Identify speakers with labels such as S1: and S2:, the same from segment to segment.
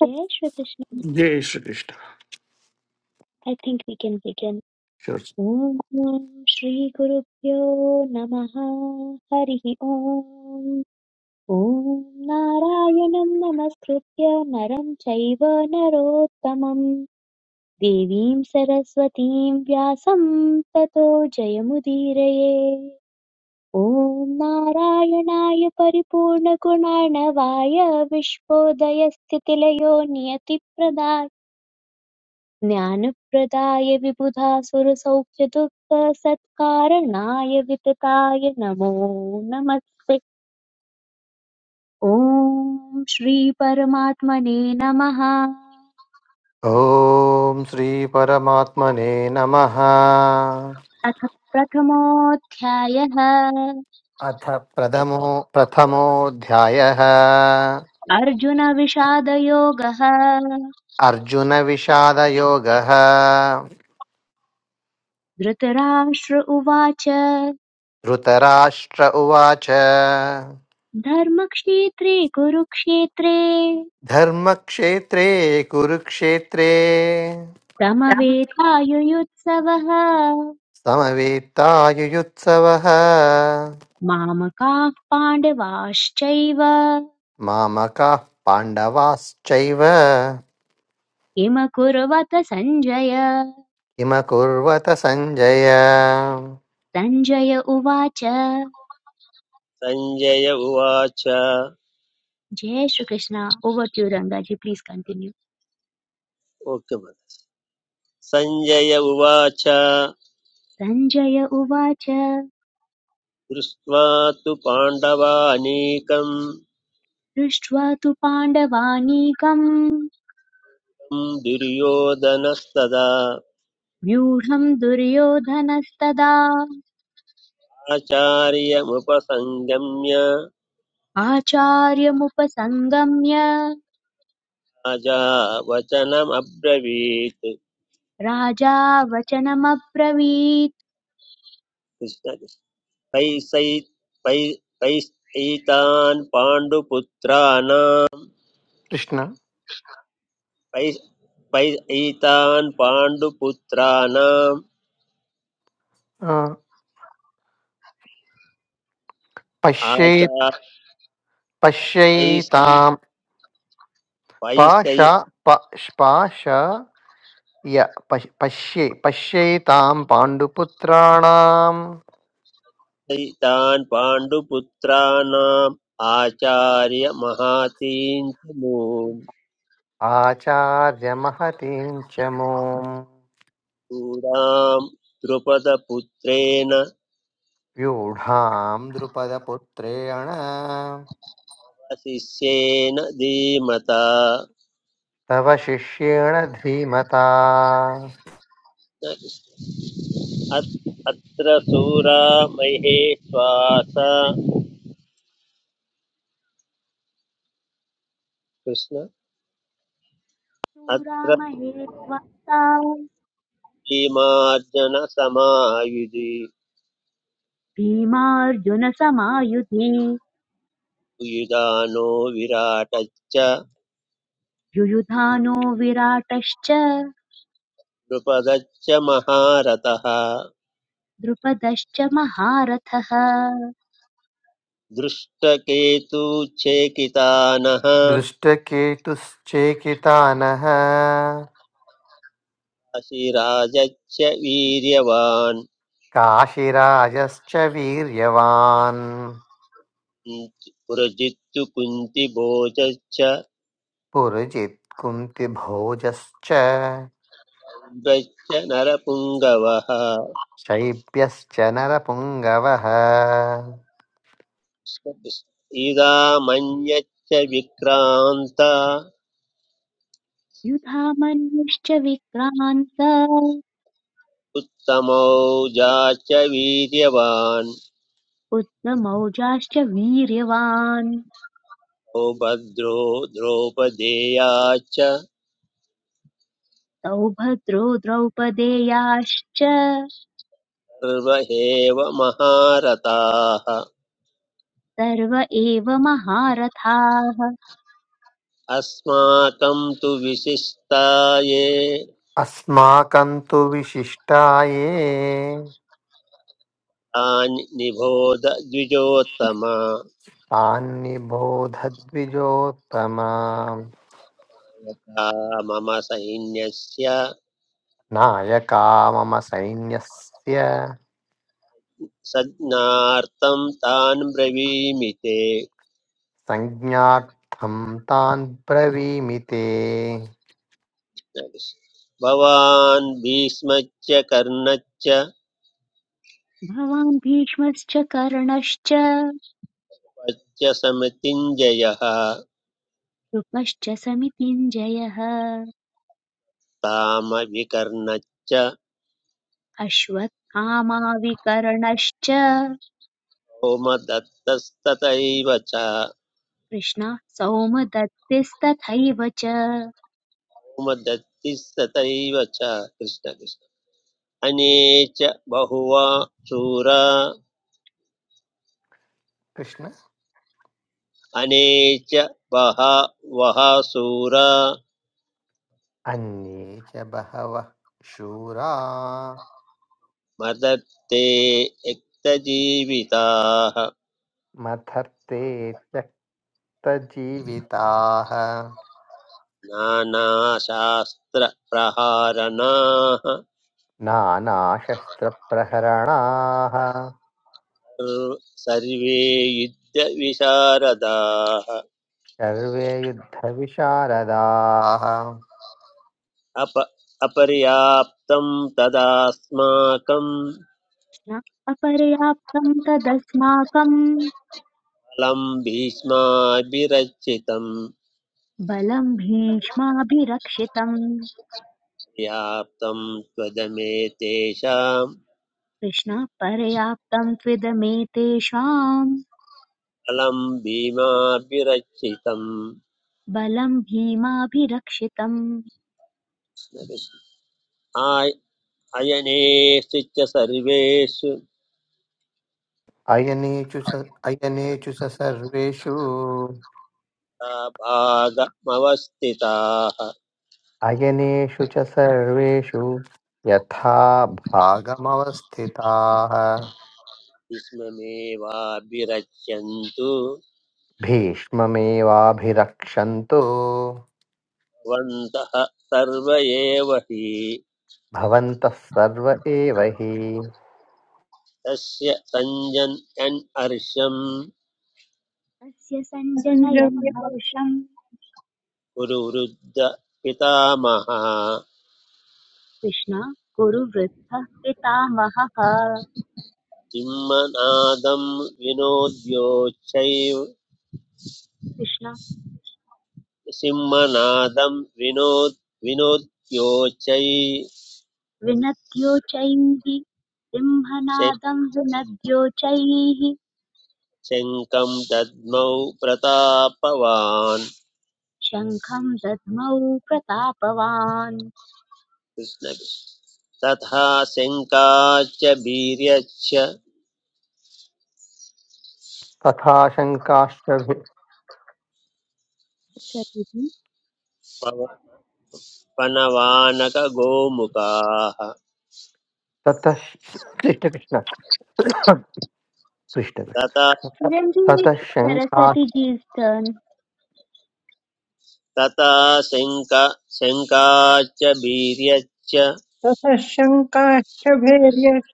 S1: जय श्रीकृष्ण
S2: जय Shri Krishna
S1: I think we can begin
S2: Sure.
S1: ॐ श्रीगुरुभ्यो नमः हरिः ॐ ॐ नारायणं नमस्कृत्य नरं चैव नरोत्तमं देवीं सरस्वतीं व्यासं ततो जयमुदीरये ॐ नारायणाय परिपूर्णगुणार्णवाय विश्वोदयस्थितिलयो नियतिप्रदाय ज्ञानप्रदाय विबुधासुरसौख्यदुःखसत्कारणाय वितताय नमो नमस्ते ॐ श्रीपरमात्मने नमः
S2: ॐ श्रीपरमात्मने नमः
S1: अथ प्रथमोऽध्यायः
S2: अथ प्रथमो प्रथमोऽध्यायः
S1: अर्जुनविषादयोगः
S3: सञ्जय
S2: अर्जुनविषादयोगः
S1: धृतराष्ट्र उवाच
S2: धृतराष्ट्र उवाच
S1: धर्मक्षेत्रे कुरुक्षेत्रे
S2: धर्मक्षेत्रे कुरुक्षेत्रे
S1: समवेतायुयुत्सवः
S2: समवेत्तायुयुत्सवः
S1: मामकाः पाण्डवाश्चैव
S2: मामकाः पाण्डवाश्चैव
S1: किम कुर्वत संजय
S2: किमकुर्वत सञ्जय
S1: सञ्जय उवाच
S3: उवाच
S1: जय श्रीकृष्ण ओवर् टु रङ्गाजी प्लीस् कण्टिन्यू
S3: ओके सञ्जय उवाच
S1: सञ्जय उवाच
S3: दृष्ट्वा तु पाण्डवानीकम्
S1: दृष्ट्वा तु पाण्डवानीकम्
S3: दुर्योधनस्तदा
S1: व्यूढम् दुर्योधनस्तदा
S3: आचार्यमुपसङ्गम्य
S1: आचार्यमुपसंगम्य
S3: राजा वचनमब्रवीत्
S1: राजा वचनमब्रवीत्
S3: कृष्ण पैसै पै पाण्डुपुत्राणां
S2: कृष्ण
S3: पै
S2: पश्यै पश्यैतां पाशा पाश पाशय पश्- पश्ये पश्यैतां पाण्डुपुत्राणाम्
S3: वैसैतान् पाण्डुपुत्राणाम् आचार्यमहातीं च
S2: आचार्यमहतीं च मोम्
S3: मूलां द्रुपदपुत्रेण
S2: व्यूढां द्रुपदपुत्रेण
S3: शिष्येन धीमता
S2: तव शिष्येण धीमता
S3: अत्- अत्र सूरा महेश्वास कृष्ण अत्र
S1: शूरामहे त्वन्ता
S3: भीमार्जनसमायुधि
S1: भीमार्जुनसमायुधे
S3: युधानो विराटच्च
S1: युयुधानो विराटश्च
S3: द्रुपदच्च महारथः
S1: द्रुपदश्च महारथः
S3: दृष्टकेतु चेकितानः
S2: दृष्टकेतुश्चेकितानः
S3: अशिराजच्च वीर्यवान्
S2: काशिराजश्च वीर्यवान्
S3: पुरजित्तु कुन्तिभोजश्च
S2: पुरुजित्कुन्तिभोजश्च
S3: ब्रश्च नरपुङ्गवः
S2: शैब्यश्च नरपुङ्गवः
S3: इदामन्यच्च विक्रान्त
S1: युधामन्युश्च विक्रान्त
S3: उत्तमौजा च वीर्यवान्
S1: उत्तमौजाश्च वीर्यवान्
S3: सौभद्रो द्रौपदेया च
S1: सौभद्रो द्रौपदेयाश्च
S3: सर्वहेव महारथाः
S1: सर्व एव महारथाः
S3: अस्माकं तु विशिष्टाये
S2: अस्माकं तु विशिष्टा ये
S3: तानि निबोध द्विजोत्तम
S2: तान्निबोधद्विजोत्तमा
S3: यथा मम सैन्यस्य
S2: नायका मम सैन्यस्य
S3: संज्ञार्थं तान् ब्रवीमि ते
S2: संज्ञार्थं तान् ब्रवीमि ते
S3: भवान् भीष्मच्च कर्णच्च
S1: भवान् भीष्मश्च कर्णश्च
S3: पच्च समितिञ्जयः
S1: कृपश्च समितिञ्जयः
S3: तामविकर्णच्च
S1: अश्वत्थामाविकर्णश्च
S3: सोमदत्तस्तथैव च
S1: कृष्णः सौमदत्तिस्तथैव च
S3: सोमदत्तिस्तथैव च कृष्ण कृष्ण। अने बहुवा शूरा
S2: कृष्ण
S3: अने च बहवः शूरा
S2: अन्ये च बहवः शूरा
S3: मदत्ते यक्तजीविताः
S2: मथर्ते त्यक्तजीविताः
S3: नानाशास्त्रप्रहारणाः
S2: नानाशस्त्रप्रहरणाः
S3: सर्व- सर्वे युद्धविशारदाः
S2: सर्वे युद्धविशारदाः
S3: अप अपर्याप्तं तदास्माकं
S1: न अपर्याप्तम् तदस्माकम्
S3: फलं भीष्माभिरचितं
S1: बलम् भीष्माभिरक्षितम्
S3: पर्याप्तं त्वदमे तेषां
S1: कृष्ण पर्याप्तम् त्विदमेतेषाम्
S3: अलं भीमाभिरक्षितम्
S1: बलं भीमाभिरक्षितम्
S3: आय- अयनेषु च सर्वेषु
S2: अयनेचु स अयनेचु स सर्वेषु
S3: भागमवस्थिताः
S2: अयनेषु च सर्वेषु यथा भागमवस्थिताः
S3: विस्ममेवाभिरच्यन्तु
S2: भीष्ममेवाभिरक्षन्तु
S3: भवन्तः सर्व एव हि
S2: भवन्तः सर्व एव हि
S3: तस्य सञ्जन्यन् हर्षम्
S1: तस्य सञ्जनयन्
S4: ततः
S1: हर्षम्
S3: गुरुवृद्ध पितामहः
S1: कृष्ण कुरुवृद्धः पितामहः
S3: सिंहनादं विनोद्योच्छैव
S1: कृष्ण
S3: सिंहनादं विनोद् विनोद्योच्चै
S1: विनद्योचैः
S3: श-
S1: सिंहनादम् विनद्योचैः
S3: शङ्खं दद्मौ प्रतापवान्
S1: शङ्खम् दध्मौ प्रतापवान्
S3: कृष्ण तथा शङ्काश्च वीर्यश्च
S2: तथा शङ्काश्च भि-
S1: सतिः
S3: पव- पनवानकगोमुखाः
S2: ततः कृष्णकृष्ण कृष्णकृष्ण
S3: तथा
S1: Currently,
S2: ततः
S1: it's
S2: शङ्का
S1: Saraswati ji's turn.
S3: तथा शङ्का शङ्काश्च वीर्यश्च
S4: शङ्काश्चभेर्यश्च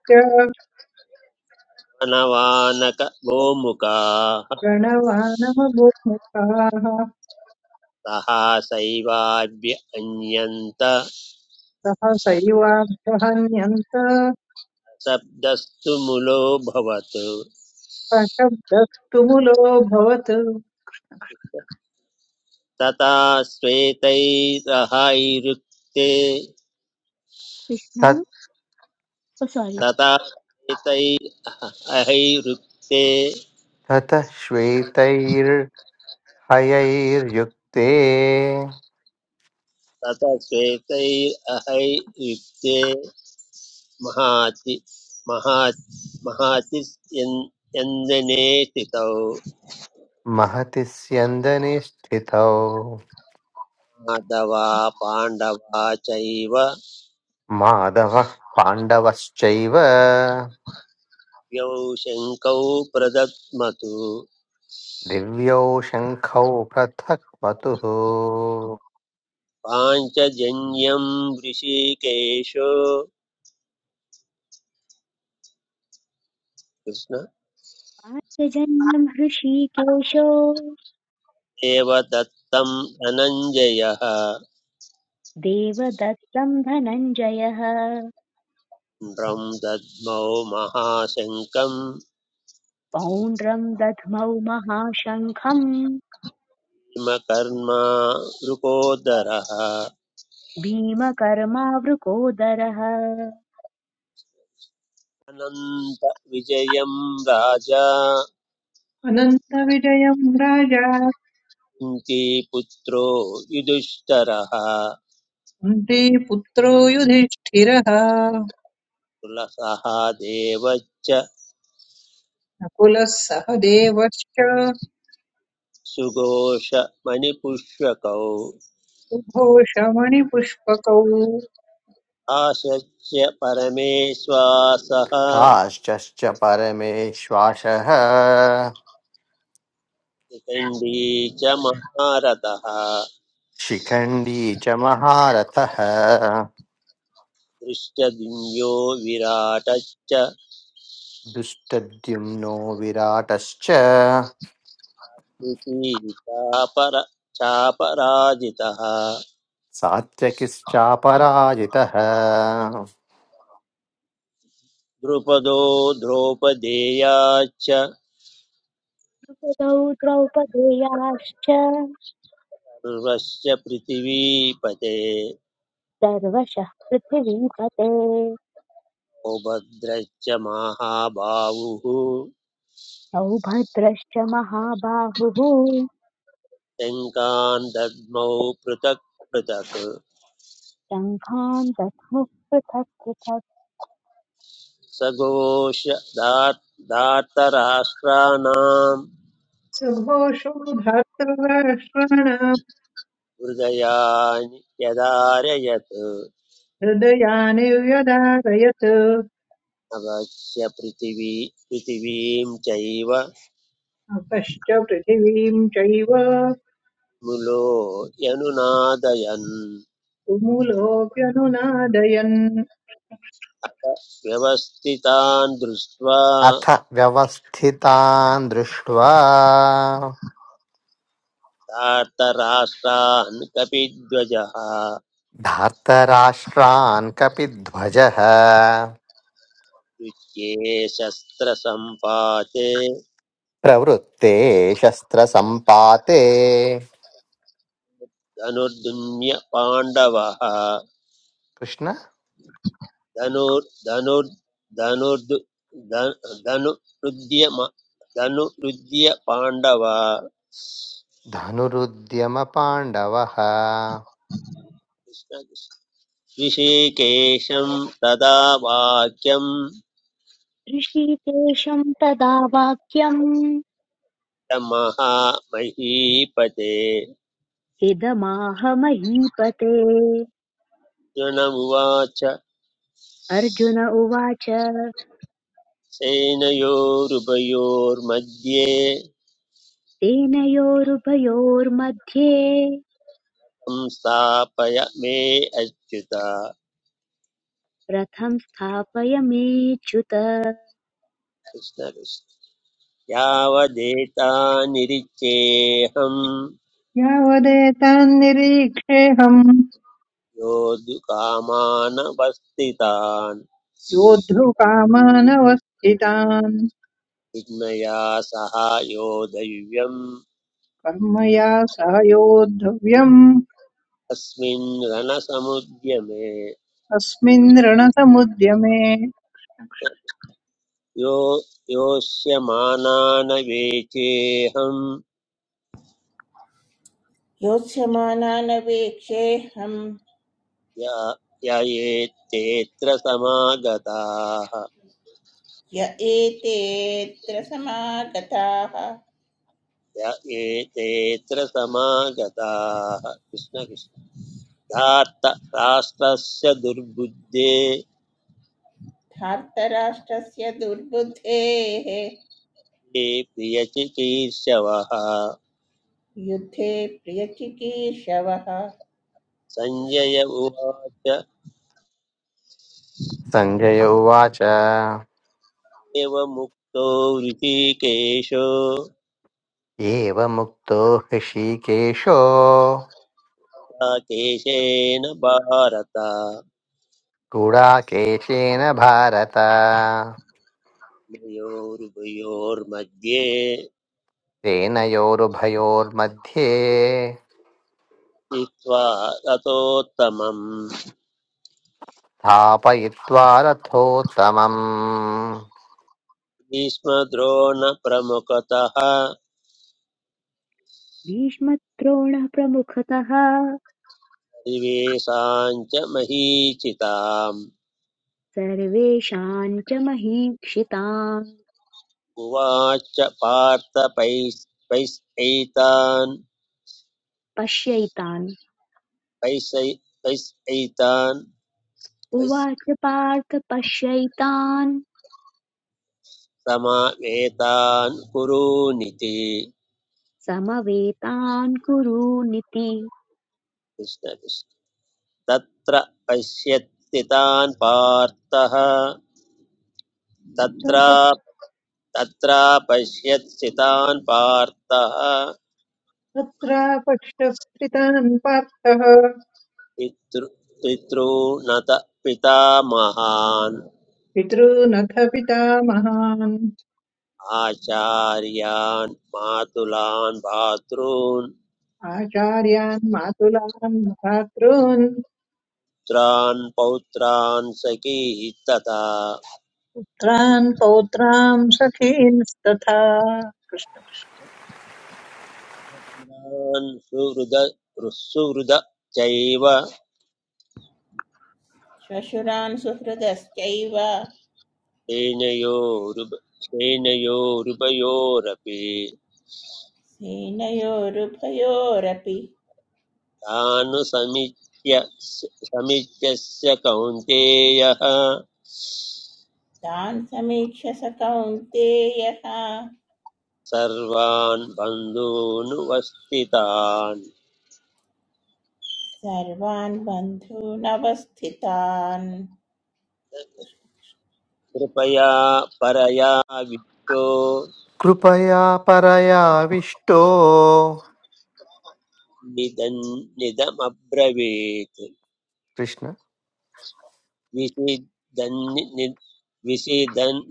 S3: पनवानकगोमुखाः
S4: प्रणवानमगुणकाः
S3: सहासैवाभ्य अन्यन्त
S4: सहसैवाभ्यहन्यन्त
S3: शब्दस्तु मूलो भवत्
S4: प्रशब्दस्तु मुलोऽभवत्
S3: तथा श्वेतैरहैरुक्ते
S1: Krishna, oh sorry.
S3: तथा श्वेतैरहैरुक्ते
S2: ततः श्वेतैर्हयैर्युक्ते
S3: तथा श्वेतैरहैरुक्ते महाति महा महाति यन्दने स्थितौ
S2: महति स्यन्दने स्थितौ
S3: माधवा पाण्डवा चैव
S2: माधवः पाण्डवश्चैव
S3: यौ शङ्कौ प्रदद्मतु
S2: दिव्यौ शङ्खौ पृथक् मतुः
S3: पाञ्चजन्यम् ऋषिकेशो कृष्ण
S1: पार्थजन्यम् हृषीकेशो
S3: एव दत्तं धनञ्जयः
S1: देवदत्तम् धनञ्जयः
S3: न्द्रं दद्मौ महाशङ्कं
S1: पौण्ड्रम् दध्मौ महाशङ्खम्
S3: भीमकर्मा वृकोदरः
S1: भीमकर्मावृकोदरः
S3: अनन्तविजयं राजा
S4: अनन्तविजयम् राजा
S3: कुन्ती पुत्रो युधिष्ठरः
S4: कुन्ती पुत्रो युधिष्ठिरः
S3: कुलसः देवच्च
S4: नकुलः सह देवश्च
S3: सुघोषमणिपुष्यकौ
S4: सुघोषमणिपुष्पकौ
S3: आशस्य परमेश्वासः
S2: काश्चश्च परमेश्वासः
S3: शिखण्डी च महारथः
S2: शिखण्डी च महारथः
S3: दृष्टद्युम्यो विराटश्च
S2: दुष्टद्युम्नो विराटश्च
S3: इति चापर चापराजितः
S2: सात्यकिश्चापराजितः
S3: द्रुपदो द्रौपदेयाश्च
S1: द्रुपदौ द्रौपदेयाश्च
S3: सर्वस्य पृथिवीपते
S1: सर्वशः पृथिवीपते
S3: सौभद्रश्च महाबाहुः
S1: सौभद्रश्च महाबाहुः
S3: शङ्कान् दद्मौ पृथक् पृथक्
S1: शङ्खान् दध्मुः पृथक् पृथक्
S3: सघोष दार्- धार्तराष्ट्राणां
S4: सुघोषो धार्तराष्ट्राणाम्
S3: हृदयानि व्यधारयत्
S4: हृदयानि व्यदारयत्
S3: अब चप्रिटीवी पिटीवीम चाइवा
S4: आकाश्च पृथिवीम् चैव
S3: मुलो यनुनादयन
S4: तुमुलोऽप्यनुनादयन्
S3: व्यवस्थितान दृष्टवा
S2: अथ व्यवस्थितान् दृष्ट्वा
S3: तातरास्ता नकापित द्वाजा
S2: धार्तराष्ट्रान् कपिध्वजः
S3: दुच्चे सास्त्रसंपादे
S2: प्रवृत्ते शस्त्रसम्पाते
S3: दानुर दुनिया पांडवा
S2: कृष्ण
S3: दानुर दानुर दानुर दानु रुद्यमा दानु रुद्या पांडवा
S2: धनुरुद्यमपाण्डवः
S3: ऋषिकेशं तदा वाक्यं
S1: ऋषिकेशं तदा वाक्यम्
S3: तमः महीपते
S1: इदमाह महीपते
S3: अर्जुनमुवाच
S1: अर्जुन उवाच
S3: सेनयोरुभयोर्मध्ये
S1: तेनयोरुभयोर्मध्ये
S3: संस्थापय मे अच्युत
S1: रथं स्थापयमेच्युत
S3: कृष्णकृष्ण यावदेता निरिचेऽहं
S4: यावदेतान् निरीक्षेऽहम्
S3: योद्धुकामानवस्थितान्
S4: योद्धुकामानवस्थितान्
S3: विज्ञया सह योधव्यम्
S4: कर्मया सह योद्धव्यम्
S3: अस्मिन् रणसमुद्यमे
S4: अस्मिन् रणसमुद्यमे
S3: यो योष्यमानान वेचेऽहं
S5: योत्स्यमानानवेक्षेऽहं
S3: या य एतेऽत्र समागताः
S5: य एतेऽत्र समागताः
S3: य एतेऽत्र समागताः कृष्ण कृष्ण धार्त राष्ट्रस्य दुर्बुद्धे
S5: धार्तराष्ट्रस्य दुर्बुद्धेः
S3: ते प्रियचिकीर्षवः
S5: युद्धे प्रियचिकीर्षवः
S3: सञ्जय उवाच
S2: सञ्जय उवाच
S3: एव मुक्तो ऋषिकेशो
S2: एवमुक्तो हृषीकेशो
S3: राकेशेन भारत
S2: गुडाकेशेन भारत
S3: द्वयोरुभयोर्मध्ये
S2: सेनयोरुभयोर्मध्ये
S3: नीत्वा ततोत्तमम्
S2: स्थापयित्वा रथोत्तमम्
S3: भीष्मद्रोणप्रमुखतः
S1: भीष्मद्रोणः प्रमुखतः
S3: परिवेशाञ्च महीचिताम्
S1: सर्वेषाम् च महीक्षितान्
S3: उवाच पार्थ पैस् पैसैतान्
S1: पश्यैतान्
S3: पैसै पैसैतान् पैस्
S1: उवाच पार्थ पश्यैतान्
S3: समावेतान् कुरूनिति
S1: समवेतान् कुरूनिति
S3: कृष्णकृष्ण तत्र पश्यत्स्थितान् पार्थः तत्र तत्र पश्यत्स्थितान् पार्थः
S4: पक्षस्थितान् पार्थः
S3: पितृ पितॄणत पितामहान्
S4: पितॄनथ पितामहान्
S3: आचार्यान् मातुलान् भ्रातॄन्
S4: आचार्यान् मातुलान् भ्रातॄन्
S3: पुत्रान् पौत्रान् सखीः तथा
S4: पुत्रान् पौत्रान् सखींस्तथा कृष्ण।
S3: पुरान् सुहृद सुहृद चैव
S5: श्वशुरान् सुहृदश्चैव
S3: श्रेणयोरुप श्रेणयोरुपयोरपि
S5: सेनयोरुभयोरपि
S3: तानुसमीच्य समीच्यस्य कौन्तेयः
S5: तान् समीक्ष्य स कौन्तेयः
S3: सर्वान् बन्धूनुवस्थितान्
S5: सर्वान् बन्धूनवस्थितान्
S3: कृपया परया वित्तो
S2: कृपया परयाविष्टो
S3: निदन्निदमब्रवीत्
S2: कृष्ण
S3: विषिदन् विषिदन्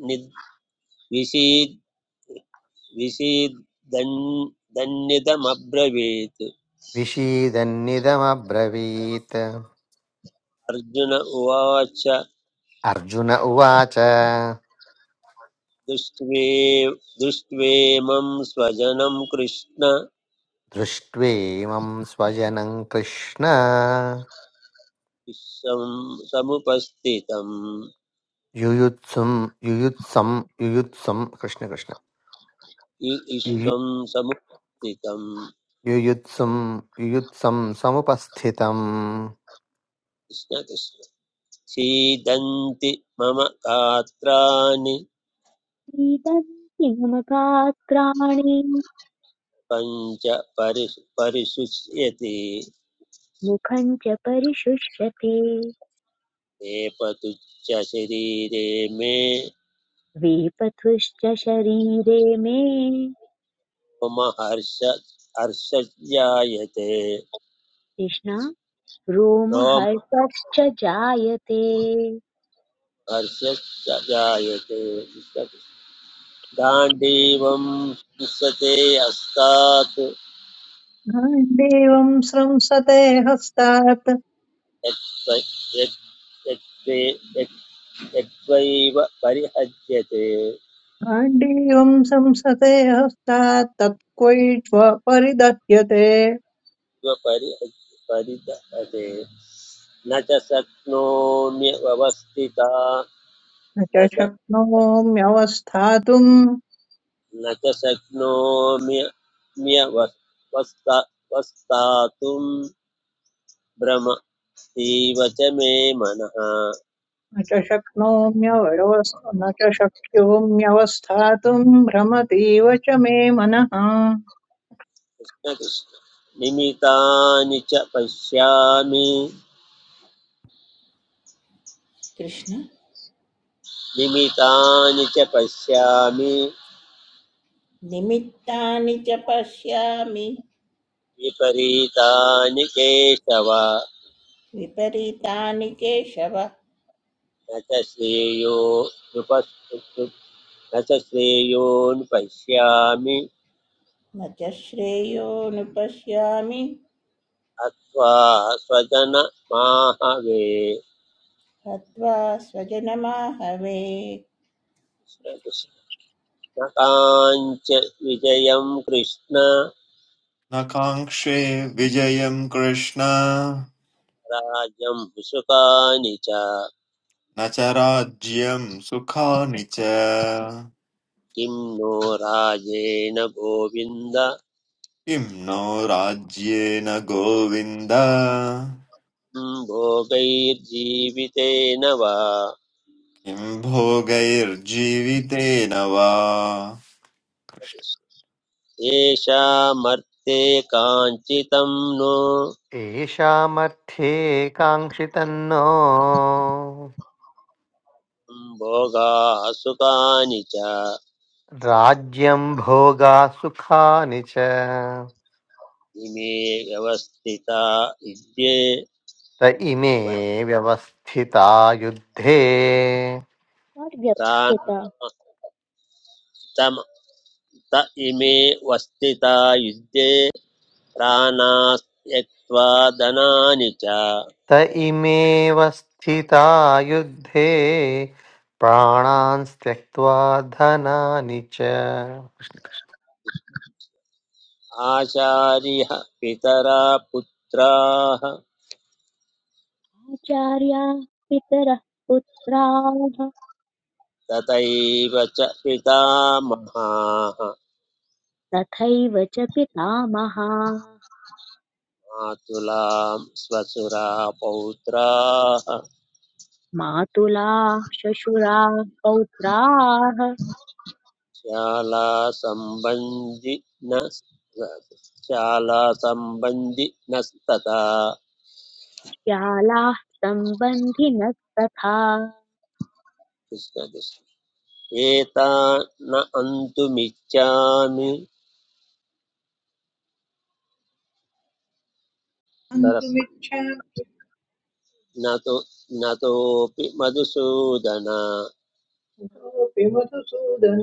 S3: विषीद् विषीदन् दन्निदमब्रवीत्
S2: विषीदन्निदमब्रवीत्
S3: अर्जुन उवाच
S2: अर्जुन उवाच
S3: दृष्ट्वे दृष्ट्वेमं स्वजनं कृष्ण
S2: दृष्ट्वेमं स्वजनं कृष्ण
S3: विश्वं समुपस्थितम्
S2: युयुत्सुं युयुत्सं युयुत्सं कृष्ण कृष्ण
S3: इ-
S2: यु-
S3: विश्वं समुपस्थितम्
S2: युयुत्सुं युयुत्सं समुपस्थितम्
S3: कृष्ण कृष्ण सीदन्ति मम गात्राणि
S1: सीदन्ति ममगात्राणि
S3: पञ्च परिशु परिशुष्यति
S1: मुखं च परिशुष्यते
S3: एपतुच्च शरीरे मे
S1: वेपथुश्च शरीरे मे
S3: मम हर्ष हर्षजायते
S1: कृष्णा
S3: रोम
S1: रोमहर्षश्च जायते
S3: हर्षजायते दाण्डीवं हिंसते अस्तात्
S4: गाण्डीवं संसते हस्तात्
S3: यत्त्वैव परिहज्यते
S4: गाण्डीवं संसते हस्तात् तत्क्वैष्व परिदह्यते
S3: परि परितते न च शक्नोम्यवस्थिता
S4: न
S3: न
S4: च
S3: च
S4: शक्नोम्यवस्थातुम्
S3: न च शक्नोम्यवस्थातुं भ्रमतीव च मे मनः
S4: न च शक्नोम्यवस्थ न च शक्योम्यवस्थातुम् भ्रमतीव च मे मनः
S3: कृष्ण कृष्ण निमितानि च पश्यामि
S5: कृष्ण
S3: निमितानि च पश्यामि
S5: निमित्तानि च पश्यामि
S3: विपरीतानि केशव
S5: विपरीतानि केशव
S3: न च श्रेयो नृपस् रसश्रेयोन् पश्यामि
S5: न च श्रेयोऽनुपश्यामि
S3: अत्वा स्वजन स्वजनमाहवे
S5: हत्वा स्वजनमाहवे
S3: कृष्णकाञ्च विजयं कृष्ण
S6: न काङ्क्षे विजयम् कृष्ण
S3: राजं सुखानि च
S6: न च राज्यम् सुखानि च किं
S3: किं नो राजेन गोविन्द
S6: नो राज्येन गोविन्द
S3: किं भोगैर्जीवितेन वा
S6: किं भोगैर्जीवितेन वा कृष्ण।
S3: येषामर्थे काञ्चितं नो
S2: येषामर्थे काङ्क्षितन्नो
S3: भोगा सुखानि च
S2: राज्यं भोगा सुखानि च
S3: इमे व्यवस्थिता युद्धे
S2: त इमे व्यवस्थिता युद्धे
S1: पर्यप्थित
S3: प्राणस्तम त इमे वस्थिता युद्धे प्राणास्त्यक्त्वा धनानि च
S2: त इमेव स्थिता युद्धे प्राणान् त्यक्त्वा धनानि च
S3: आचार्यः पितरा पुत्राः
S1: आचार्या पितरः पुत्राः
S3: तथैव च पितामहाः
S1: तथैव च पितामहाः
S3: मातुलां स्वसुरा पौत्राः
S1: मातुलाः श्वशुराः पौत्राः
S3: शालासम्बन्धि न शालासम्बन्धि न तथा
S1: श्यालाः सम्बन्धिनस्तथा
S3: कृष्ण कृष्ण एता न अन्तुमिच्छामि सरस्वती
S4: हन्तुमिच्छामि
S3: न तु न तोऽपि मधुसूदन
S4: सोऽपि मधुसूदन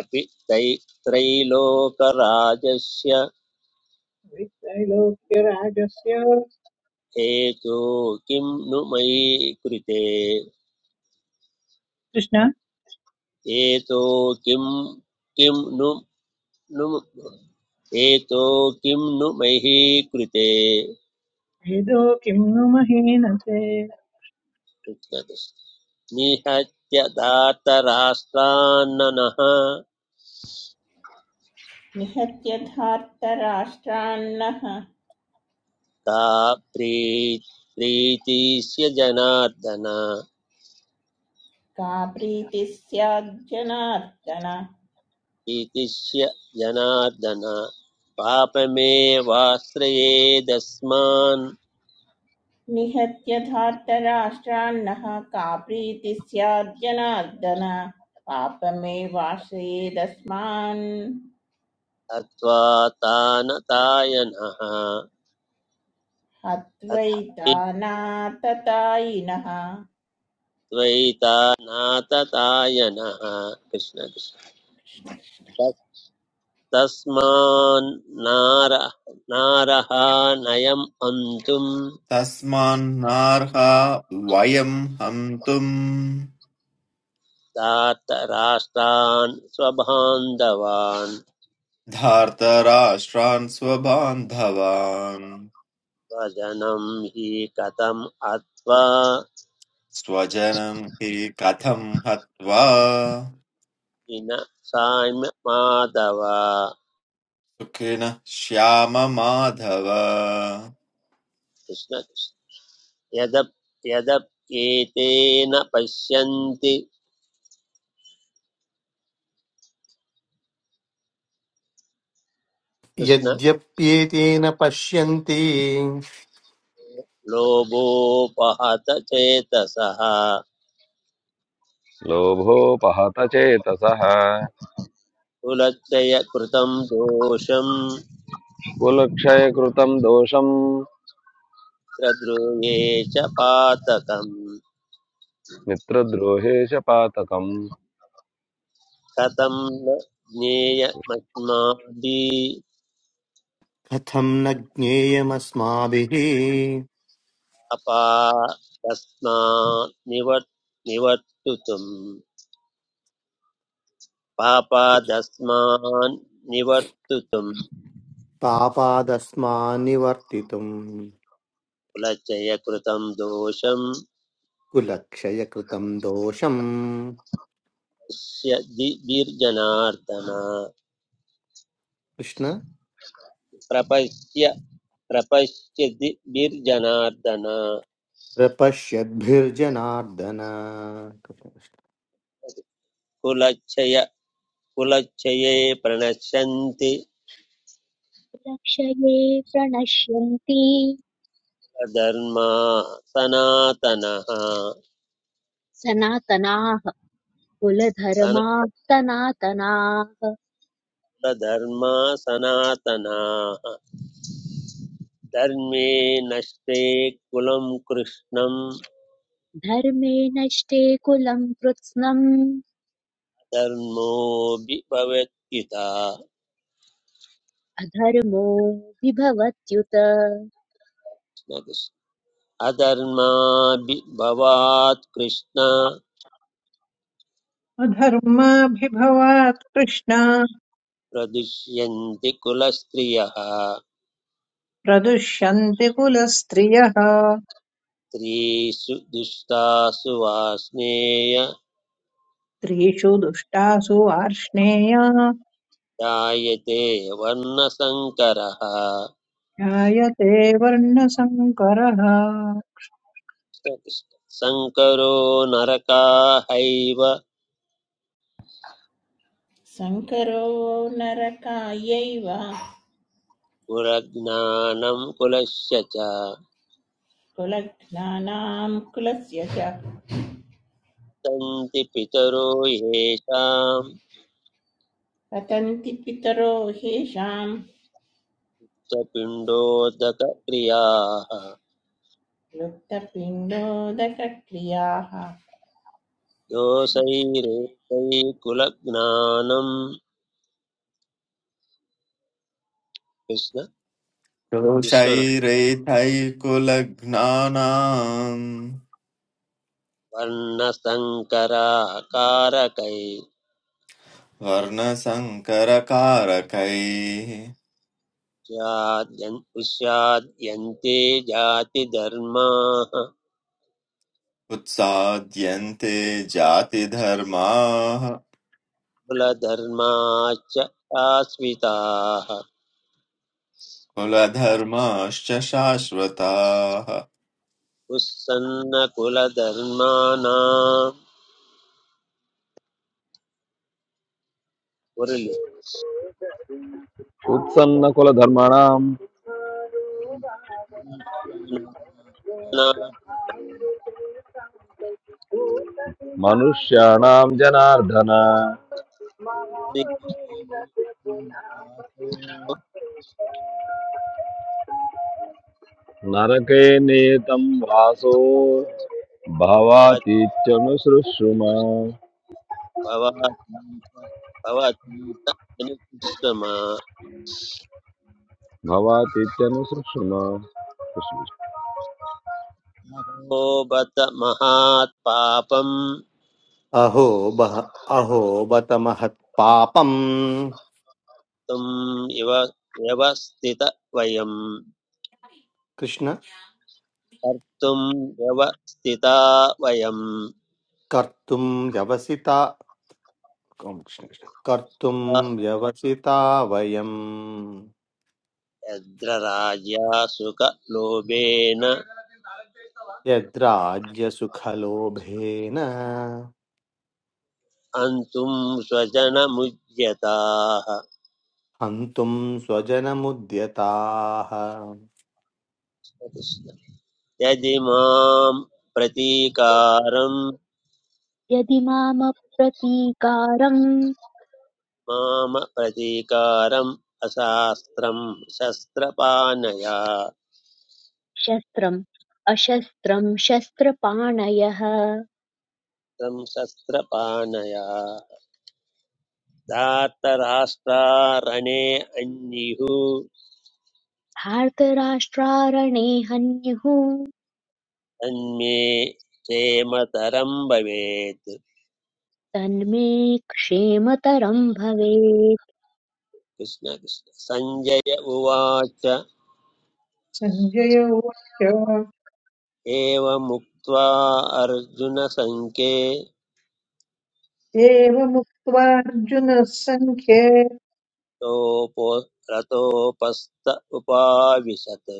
S3: अपि तै त्रैलोकराजस्य
S4: वित्रैलोक्यराजस्य
S3: हेतो किं नु मयि कृते
S4: कृष्ण
S3: हेतो नु नु किं नु मयि कृते
S4: भेदो किं नु महीनते
S3: निहत्य धातराष्ट्रान्ननः
S5: निहत्यधार्तराष्ट्रान्नः
S3: का प्रीतिस्य जनार्दन
S5: का प्रीतिः स्याज्जनार्दन
S3: प्रीतिस्य जनार्दन पापमेवाश्रयेदस्मान्
S5: निहत्यधार्तराष्ट्रान्नः का प्रीतिः स्याज्जनार्दन पापमेवाश्रयेदस्मान्
S3: अत्वा तानतायनः
S5: हत्वैतानाततायिनः
S3: अत्वैतानाततायनः कृष्ण कृष्ण
S5: कृष्ण कृष्ण
S3: तस्मान् नार नारः नयम् हन्तुम्
S6: तस्मान्नार्हा वयम् हन्तुम्
S3: तात राष्ट्रान् स्वबान्धवान्
S6: धार्तराष्ट्रान् स्वबान्धवान्
S3: स्वजनं हि कथम् अत्वा
S6: स्वजनम् हि कथम् हत्वा
S3: विन साम्य माधव
S6: सुखिनः श्याममाधव
S3: कृष्ण यद यदप्येतेन पश्यन्ति कृष्ण
S2: यद्यप्येतेन पश्यन्ति
S3: लोभोपहत चेतसः
S7: लोभोपहतचेतसः
S3: कुलक्षय कृतं दोषं
S7: कुलक्षयकृतम् दोषम्
S3: प्रद्रुये च पातकम्
S7: मित्रद्रोहे च पातकम्
S3: कथं ज्ञेयमस्माभिः
S2: कथं न ज्ञेयमस्माभिः
S3: अपादस्मानिवर्तुतुम् पापादस्मानिवर्तुतुम्
S2: पापादस्मान्निवर्तितुम्
S3: उल्लङ्घय कृतम् दोषम्
S2: कुलक्षयकृतं दोषम्
S3: दीप्यिर्जनार्दनः
S2: कृष्ण
S3: प्राप्यस्य प्राप्यस्य दीप्यिर्जनार्दनः
S2: प्रपश्यद्भिर्जनार्दन
S3: उल्लङ्घये उल्लङ्घये प्रणशंत
S1: रक्षये प्रणश्यन्ति
S3: धर्मः सनातनः
S1: सनातनाः कुलधर्माः सनातनाः
S3: सनातनः धर्मे नष्टे कुलं कृष्णं
S1: धर्मे नष्टे कुलं कृत्स्नम्
S3: धर्मोऽपि भवेत्पिता
S1: अधर्मो विभवत्युत
S3: अधर्माभिभवात् कृष्ण
S4: अधर्माभिभवात् कृष्णा
S3: प्रदुष्यन्ति कुलस्त्रियः
S4: प्रदुष्यन्ति कुलस्त्रियः
S3: स्त्रीषु दुष्टासु वास्नेय
S4: त्रिषु दुष्टासु वार्ष्णेय
S3: जायते वर्णसङ्करः
S4: जायते वर्णसङ्करः
S3: सङ्करो नरकाहैव
S5: सङ्करो नरकायैव
S3: कुलज्ञानं कुलस्य च
S5: कुलघ्नानां कुलस्य च
S3: सन्ति पितरो येषां
S5: पतन्ति पितरो ह्येषां
S3: स्वपिण्डोदकक्रियाः
S5: लुप्तपिण्डोदकक्रियाः
S3: दोषैरेतैकुलज्ञानं कृष्ण
S6: दोषैरेथैकुलघ्नानाम्
S3: विस्मन वर्णसङ्कराकारकैश्चाद्यन्
S6: वर्णसङ्करकारकैः
S3: उष्याद्यन्ते जातिधर्माः
S6: उत्साद्यन्ते जातिधर्माः
S3: कुलधर्माश्च आश्रिताः
S6: कुलधर्माश्च शाश्वताः
S3: उत्सन्नकुलधर्माणां कुरुलि
S7: उत्सन्नकुलधर्मणाम् मनुष्याणाम् जनार्दन नरके नेतम् वासो
S3: भवतीतमा
S7: भवातीत्यनुसृषुम भवातीत्यनुसृषुम
S3: भोबत महात् पापं
S2: अहो बह अहो बत महत्पापम्
S3: तुम् इव व्यवस्थित वयं
S2: कृष्ण
S3: कर्तुं व्यवस्थिता वयं
S2: कर्तुम् व्यवसिता ओम कृष्ण कृष्ण कर्तुम् व्यवसिता वयम्
S3: यद्रराज्या सुखलोभेन
S2: यद्राज्यसुखलोभेन
S3: हन्तुं स्वजनमुद्यताः
S2: हन्तुम् स्वजनमुद्यताः
S3: यदि मां प्रतीकारं
S1: यदि मामप्रतीकारम्
S3: माम प्रतीकारम् अशास्त्रं शस्त्रपाणया
S1: शस्त्रम् अशस्त्रम् शस्त्रपाणयः
S3: तं शस्त्रपाणया धार्तराष्ट्रारणे अन्युः
S1: भारतराष्ट्रारणे हन्युः
S3: तन्मे क्षेमतरं भवेत्
S1: तन्मे क्षेमतरं भवेत्
S3: कृष्ण कृष्ण सञ्जय उवाच
S4: सञ्जय उवाच
S3: एवमुक्त्वा अर्जुनसङ्के
S4: एवमुक्त्वार्जुनः सङ्ख्ये
S3: तोपो रतोपस्त उपाविशत्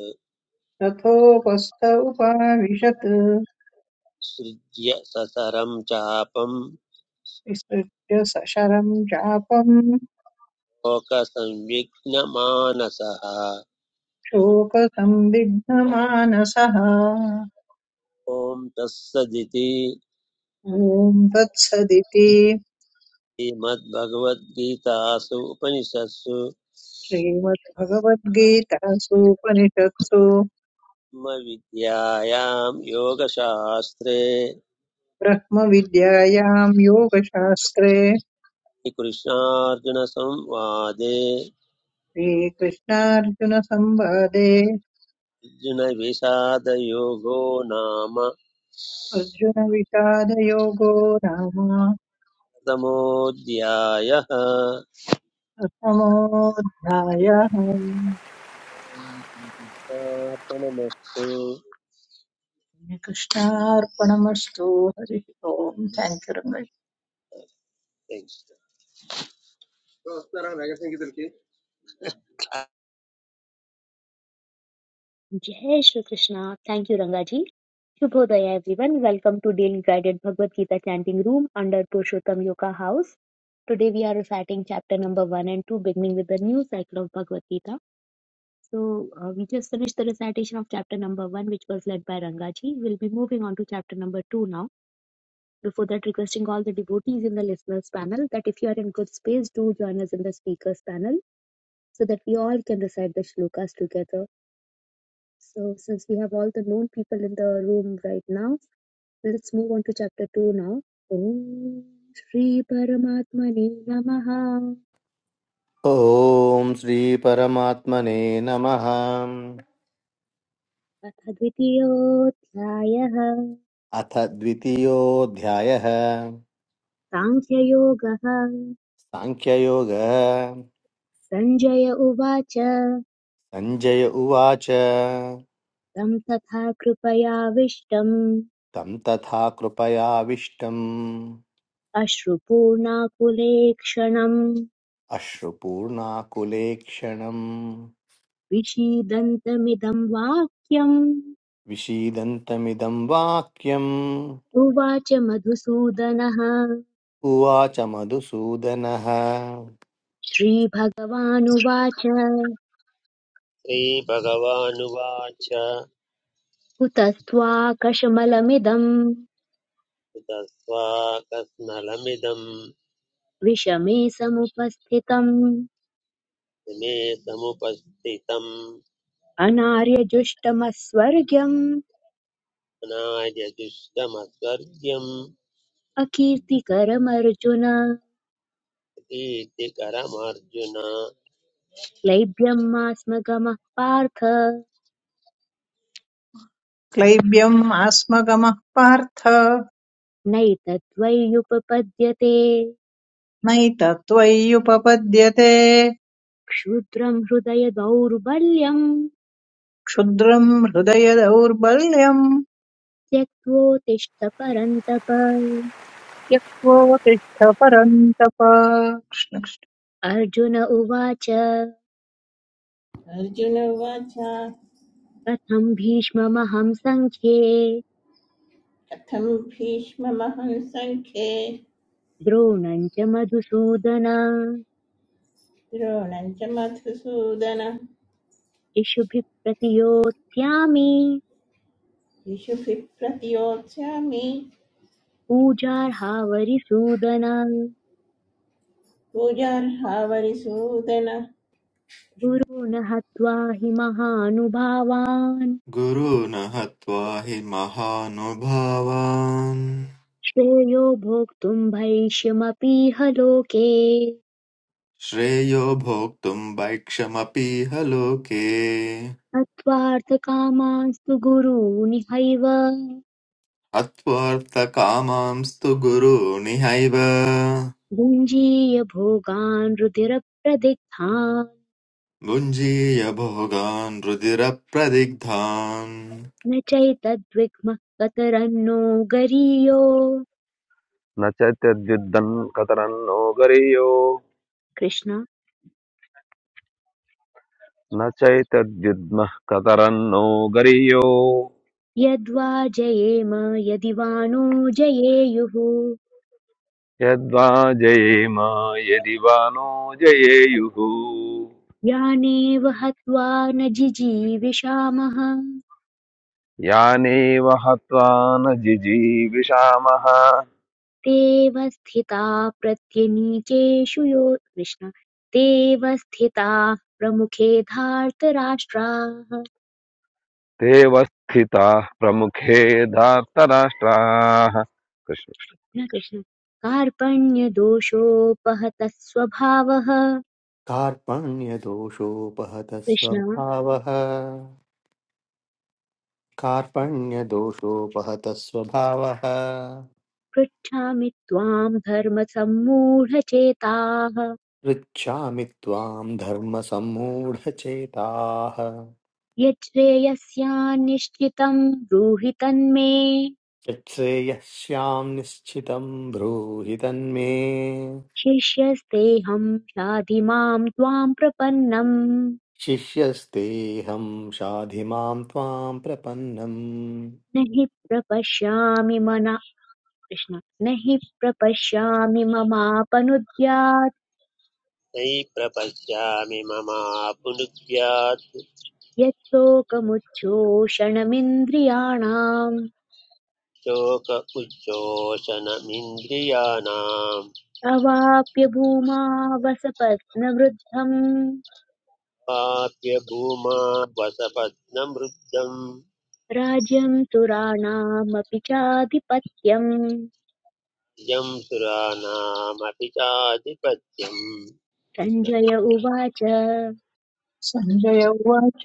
S4: तथोपस्थ उपाविशत्
S3: सृज्य ससरं चापं।
S4: विसृज्य सशरम् चापम्
S3: लोकसंविघ्नमानसः
S4: शोकसंविघ्नमानसः
S3: ॐ तत्सदिति
S4: ॐ तत्सदिति
S3: श्रीमद्भगवद्गीतासु उपनिषत्सु
S4: श्रीमद्भगवद्गीतासूपनिषत्सु
S3: ब्रह्मविद्यायां योगशास्त्रे
S4: ब्रह्मविद्यायां योगशास्त्रे
S3: श्रीकृष्णार्जुनसंवादे
S4: श्रीकृष्णार्जुनसंवादे
S3: अर्जुनविषादयोगो नाम
S4: अर्जुनविषादयोगो नाम
S3: प्रथमोऽध्यायः
S4: प्रथमोऽध्यायः
S3: अर्पणमस्तु।
S4: कृष्णार्पणमस्तु हरिः ओम् थैंक यू रङ्गज
S3: Thanks.
S1: जय श्री कृष्णा थैंक यू रंगा जी। Shubhodaya everyone. Welcome to Daily Guided Bhagavad Gita Chanting Room under Purushottam Yoga House. Today we are reciting chapter number 1 and 2 beginning with the new cycle of Bhagavad Gita. So uh, we just finished the recitation of chapter number 1 which was led by Rangaji. We'll be moving on to chapter number 2 now. Before that requesting all the devotees in the listeners panel that if you are in good space do join us in the speakers panel so that we all can recite the shlokas together. So since we have all the known people in the room right now Let's move on to chapter 2 now. Om Shri Paramatmane Namaha
S2: ॐ श्रीपरमात्मने नमः
S1: अथ द्वितीयोऽध्यायः
S2: अथ द्वितीयोऽध्यायः
S1: साङ्ख्ययोगः
S2: साङ्ख्ययोगः
S1: सञ्जय उवाच
S2: सञ्जय उवाच
S1: तं तथा कृपयाविष्टम्
S2: तं तथा कृपयाविष्टम्
S1: अश्रुपूर्णाकुलेक्षणम्
S2: अश्रुपूर्णाकुलेक्षणम्
S1: विषीदन्तमिदं वाक्यम्
S2: विषीदन्तमिदं वाक्यम्
S1: उवाच मधुसूदनः
S2: उवाच मधुसूदनः
S1: श्रीभगवानुवाच
S3: श्रीभगवानुवाच
S1: कुतस्त्वाकशमलमिदम्
S3: तस्वाकस्मलमिदम्
S1: विषमे समुपस्थितम्
S3: मे समुपस्थितम्
S1: अनार्यजुष्टमस्वर्ग्यम्
S3: अनार्यजुष्टमस्वर्ग्यम्
S1: अकीर्तिकरमर्जुन
S3: कीर्तिकरमर्जुन
S1: क्लैब्यं मा स्म गमः पार्थ
S4: क्लैब्यम् आस्मगमः पार्थ
S1: नैतद्वैयुपपद्यते
S4: नैतत्त्वय्युपपद्यते
S1: क्षुद्रम् हृदय दौर्बल्यम्
S4: क्षुद्रम् हृदय दौर्बल्यम्
S1: त्यक्त्वोत्तिष्ठ परन्तप
S4: यः कोऽतिष्ठ परन्तप कृष्ण कृष्ण।
S1: अर्जुन उवाच
S5: अर्जुन उवाच कथं
S1: कथम् भीष्ममहम् सङ्ख्ये
S5: भीष्ममहं सङ्ख्ये
S1: द्रोणम् च मधुसूदन
S5: द्रोणं च मधुसूदन
S1: इषुभिः प्रतियोत्स्यामि
S5: शिशुभिः प्रतियोत्स्यामि
S1: पूजार्हावरिसूदना
S5: पूजार्हावरिसूदन
S1: गुरून् हत्वा हि महानुभावान्
S6: गुरून् हत्वा हि महानुभावान्
S1: श्रेयो भोक्तुम् भैष्यमपीह लोके
S6: श्रेयो भोक्तुम् वैक्षमपीह लोके
S1: हत्वार्थकामांस्तु गुरूनिहैव
S6: हत्वोऽर्थकामांस्तु गुरूनिहैव
S1: भुञ्जीय भोगान् रुधिरप्रदिग्धान्
S6: भुञ्जीय भोगान् रुदिरप्रदिग्धान्
S1: न चैतद्विग्मः कतरन्नो गरीयो
S7: न चैतद्युद्धम् कतरन्नो गरीयो
S1: कृष्ण
S7: न चैतद्युद्मः कतरन्नो गरीयो
S1: यद्वा जयेम यदि वा नो जयेयुः
S7: यद्वा जयेम यदि वा नो जयेयुः
S1: यानेव हत्वा न जिजीविषामः
S7: यानेव हत्वा न जिजीविषामः
S1: तेव स्थिता प्रत्यनीकेषु यो कृष्ण तेव स्थिताः प्रमुखे धार्तराष्ट्राः
S7: ते वस्थिताः प्रमुखे धार्तराष्ट्राः कृष्ण
S1: न कृष्ण कार्पण्यदोषोपहतः स्वभावः
S2: कार्पण्यदोषोपहत
S1: कृष्ण
S2: स्वभावः कार्पण्यदोषोपहत स्वभावः
S1: पृच्छामि त्वाम् धर्मसम्मूढचेताः
S2: पृच्छामि त्वां धर्मसम्मूढचेताः
S1: यच्छ्रेयस्यान्निश्चितम् ब्रूहि तन्मे
S2: यच्छ्रेयस्यां निश्चितं ब्रूहि तन्मे
S1: शिष्यस्तेऽहं शाधिमां त्वां प्रपन्नम्
S2: शिष्यस्तेऽहं शाधि मां त्वां प्रपन्नम्
S1: न हि प्रपश्यामि मना कृष्ण न हि प्रपश्यामि ममापनुद्यात्
S3: नयि प्रपश्यामि ममापुनुद्यात्
S1: यत्शोकमुच्छोषणमिन्द्रियाणाम्
S3: शोक उच्छोषणमिन्द्रियाणाम्
S1: अवाप्य भूमावसपत्नवृद्धम्
S3: पाप्य भूमा वसपत्नमृद्धम्
S1: राज्यम् सुराणामपि चाधिपत्यम्
S3: यं सुराणामपि चाधिपत्यम्
S1: सञ्जय उवाच
S4: सञ्जय उवाच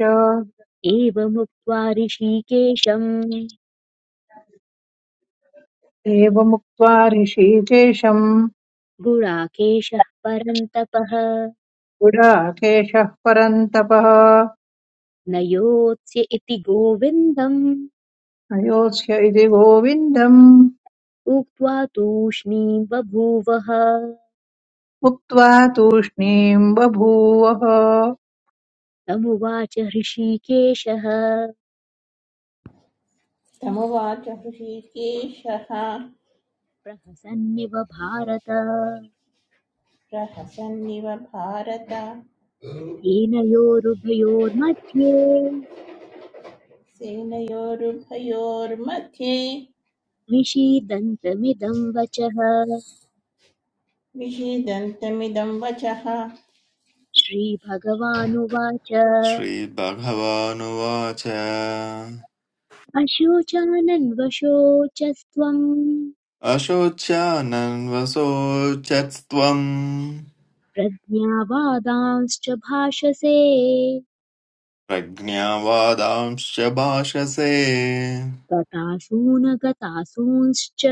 S1: एवमुक्त्वा ऋषिकेशम्
S4: एवमुक्त्वा ऋषिकेशम्
S1: गुणाकेशः परं तपः
S4: गुडाकेशः परन्तपः
S1: न योत्स्य इति गोविन्दम्
S4: अयोध्य इति गोविन्दम्
S1: उक्त्वा तूष्णीं बभूवः
S4: उक्त्वा तूष्णीम् बभूवः
S1: तमुवाच हृषीकेशः
S5: तमुवाच हृषीकेशः
S1: प्रहसन्निव भारत
S5: प्रहसन्निव भारत
S1: येन योरुभयोर्मध्ये
S5: सेनयोरुभयोर्मध्ये
S1: विषीदन्तमिदं वचः
S5: विषीदन्तमिदं वचः
S1: श्रीभगवानुवाच
S6: श्रीभगवानुवाच
S1: अशोचानन्वशोचस्त्वम्
S6: अशोच्यानन्वशोचस्त्वम्
S1: प्रज्ञावादांश्च भाषसे
S6: प्रज्ञावादांश्च भाषसे
S1: गतासूनगतासूंश्च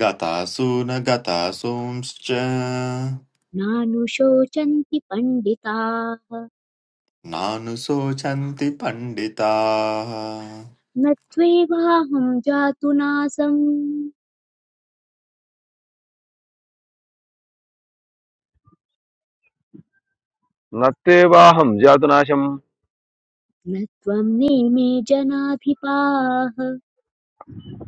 S6: गतासु न गतासूंश्च
S1: नानुशोचन्ति पण्डिताः
S6: नानुशोचन्ति पण्डिताः
S1: न त्वेवाहं जातु नासम्
S7: कृष्ण। न तेवाहं जातुनाशं
S1: न त्वं नेमे जनाधिपाः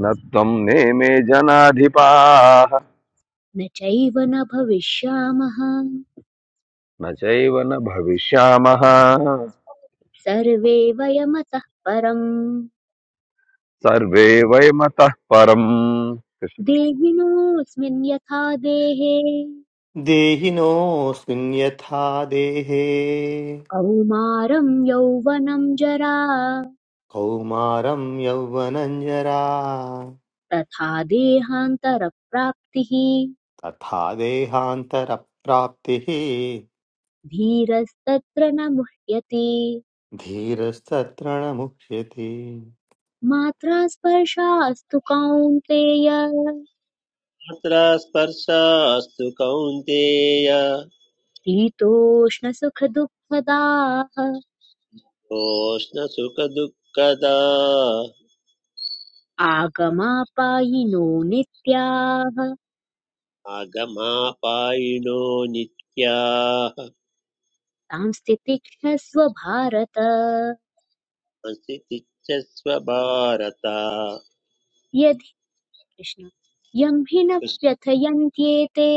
S7: न त्वं नेमे जनाधिपाः
S1: न चैव न भविष्यामः
S7: न चैव न भविष्यामः
S1: सर्वे वयमतः परम्
S7: सर्वे वयमतः परम् कृष्ण
S1: देहिनोऽस्मिन् यथा देहे
S2: देहिनोऽस्मिन् यथा देहे
S1: कौमारं यौवनं जरा
S2: कौमारं यौवनञ्जरा
S1: तथा देहान्तरप्राप्तिः
S2: तथा देहान्तरप्राप्तिः
S1: धीरस्तत्र न मुह्यते
S2: धीरस्तत्र न मुह्यते
S1: मात्रा स्पर्शास्तु कौन्तेय
S3: तत्र स्पर्शास्तु कौन्तेय
S1: शीतोष्णसुखदुःखदाः
S3: तोष्णसुखदुःखदा
S1: आगमापायिनो नित्याः
S3: आगमापायिनो नित्याः
S1: सांस्थितिक्षस्व भारत
S3: संस्थितिच्छस्व भारत
S1: यदि कृष्ण यं हि न व्यथयन्त्येते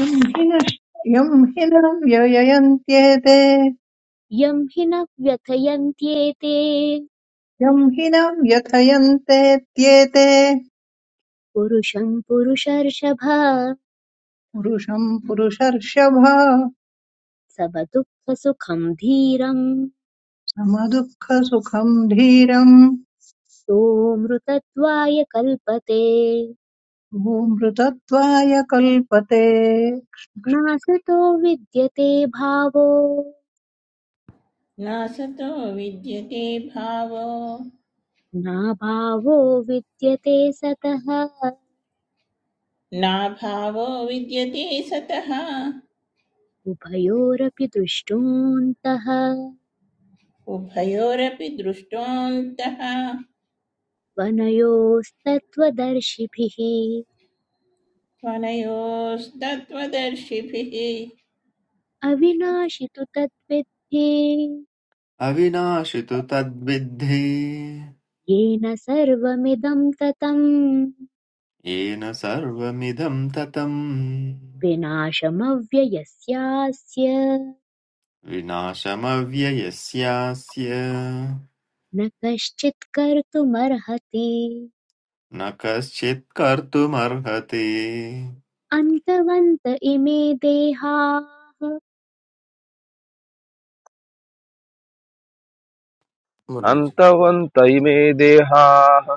S4: यं हिनश् यं हिनं व्ययन्त्येते
S1: यं हि न व्यथयन्त्येते
S4: यं हिनं व्यथयन्तेत्येते
S1: पुरुषं पुरुषर्षभ
S4: पुरुषं पुरुषर्षभ
S1: सब दुःखसुखं धीरम्
S4: समदुःखसुखम् धीरम्
S1: सोऽमृतत्वाय कल्पते
S4: भूमृतत्वाय कल्पते
S1: नासतो विद्यते भावो
S5: नासतो विद्यते भावो
S1: नाभावो विद्यते सतः
S5: नाभावो विद्यते सतः
S1: उभयोरपि दृष्टोऽन्तः
S5: उभयोरपि दृष्टोऽन्तः
S1: वनयोस्तत्त्वदर्शिभिः
S5: त्वनयोस्तत्त्वदर्शिभिः
S1: अविनाशि तु तद्विद्धि
S6: अविनाशितु तद्विद्धि
S1: येन सर्वमिदं ततम्
S6: येन सर्वमिदं ततं
S1: विनाशमव्ययस्यास्य
S6: विनाशमव्ययस्यास्य
S1: न कश्चित् कर्तुमर्हति
S6: न कश्चित् कर्तुमर्हति
S1: अन्तवन्त इमे देहाः
S7: कृष्ण।
S2: मुरलीजी
S7: अन्तवन्त इमे देहाः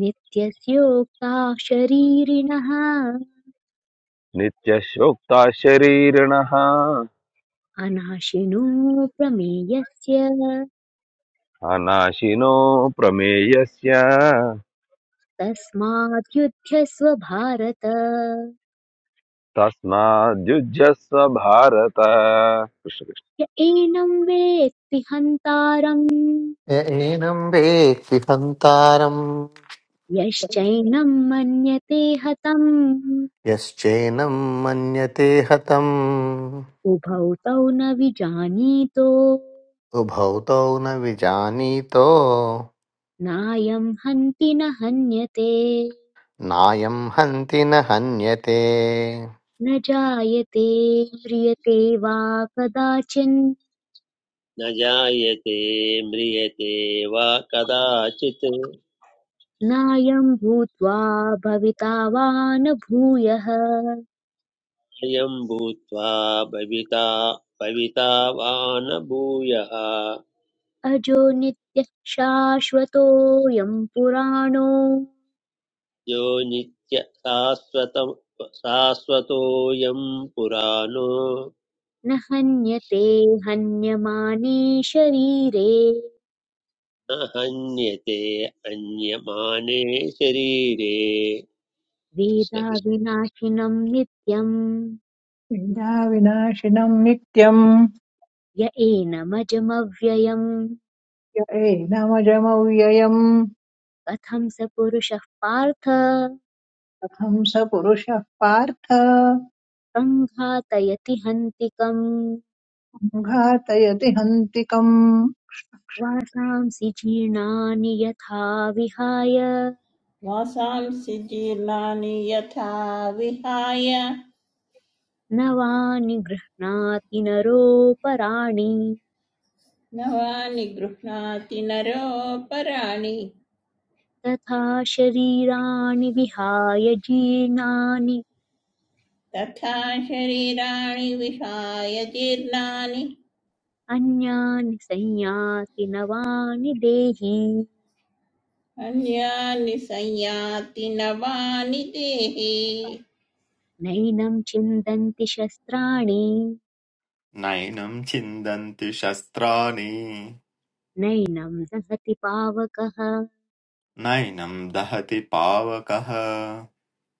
S1: नित्यस्योक्ता शरीरिणः
S7: नित्यशोक्ता शरीरिणः
S1: अनाशिनो प्रमेयस्य
S7: अनाशिनो प्रमेयस्य
S1: तस्माद्युध्यस्व भारत
S7: तस्माद्युज्यस्व भारत कृष्ण कृष्ण
S1: य एनं वेत्ति हन्तारम्
S2: य एनं वेत्ति हन्तारं
S1: यश्चैनं मन्यते हतम्
S2: यश्चैनं मन्यते हतम्
S1: उभौ तौ न विजानीतो
S2: उभौ तौ न विजानीतो
S1: नायं हन्ति न हन्यते
S2: नायं हन्ति न हन्यते
S1: न जायते म्रियते वा कदाचिन्
S3: न जायते म्रियते वा कदाचित्
S1: नायं भूत्वा भविता वा न भूयः
S3: अयं भूत्वा भविता भविता वा न भूयः
S1: अजो नित्यः शाश्वतोऽयं पुराणो
S3: यो नित्य शाश्वतोऽयं पुराणो
S1: न हन्यते हन्यमाने शरीरे
S3: न हन्यते अन्यमाने शरीरे कृष्ण कृष्ण
S1: वेदाविनाशिनं नित्यं
S4: पीडाविनाशिनम् नित्यम्
S1: य एनमजमव्ययम्
S4: य एनमजमव्ययम्
S1: कथं स पुरुषः पार्थ
S4: कथं स पुरुषः पार्थ
S1: सङ्घातयति हन्तिकम्
S4: घातयति हन्तिकम्
S1: वासांसि जीर्णानि यथा विहाय
S5: वासांसि जीर्णानि यथा विहाय
S1: नवानि गृह्णाति नरोपराणि
S5: नवानि गृह्णाति नरोपराणि
S1: तथा शरीराणि विहाय जीर्णानि
S5: तथा शरीराणि विहाय जीर्णानि
S1: अन्यानि संयाति नवानि देहि
S5: अन्यानि संयाति नवानि देहे
S1: नैनं छिन्दन्ति शस्त्राणि
S6: नैनं छिन्दन्ति शस्त्राणि
S1: नैनं दहति पावकः
S6: नैनं दहति पावकः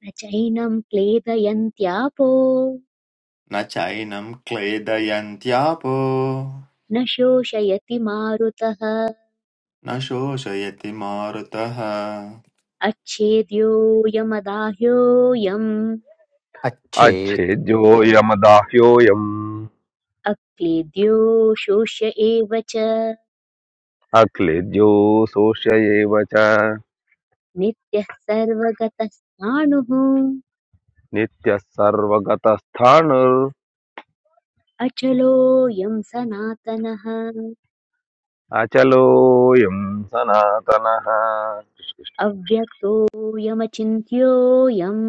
S1: न चैनं क्लेदयन्त्यापो
S6: न चैनं क्लेदयन्त्यापो
S1: न शोषयति मारुतः
S6: न शोषयति मारुतः
S1: अच्छेद्योऽयमदाह्योऽयम्
S2: अच्छे
S7: अच्छेद्योऽयमदाह्योऽयम्
S1: अक्लेद्यो शोष्य एव च
S7: अक्लेद्यो शोष्यैव च
S1: नित्यः सर्वगतस्नाणुः
S7: नित्यः सर्वगतस्थाणुर्
S1: अचलोऽयं सनातनः
S7: अचलोऽयम् सनातनः
S1: अव्यक्तोऽयमचिन्त्योऽयम्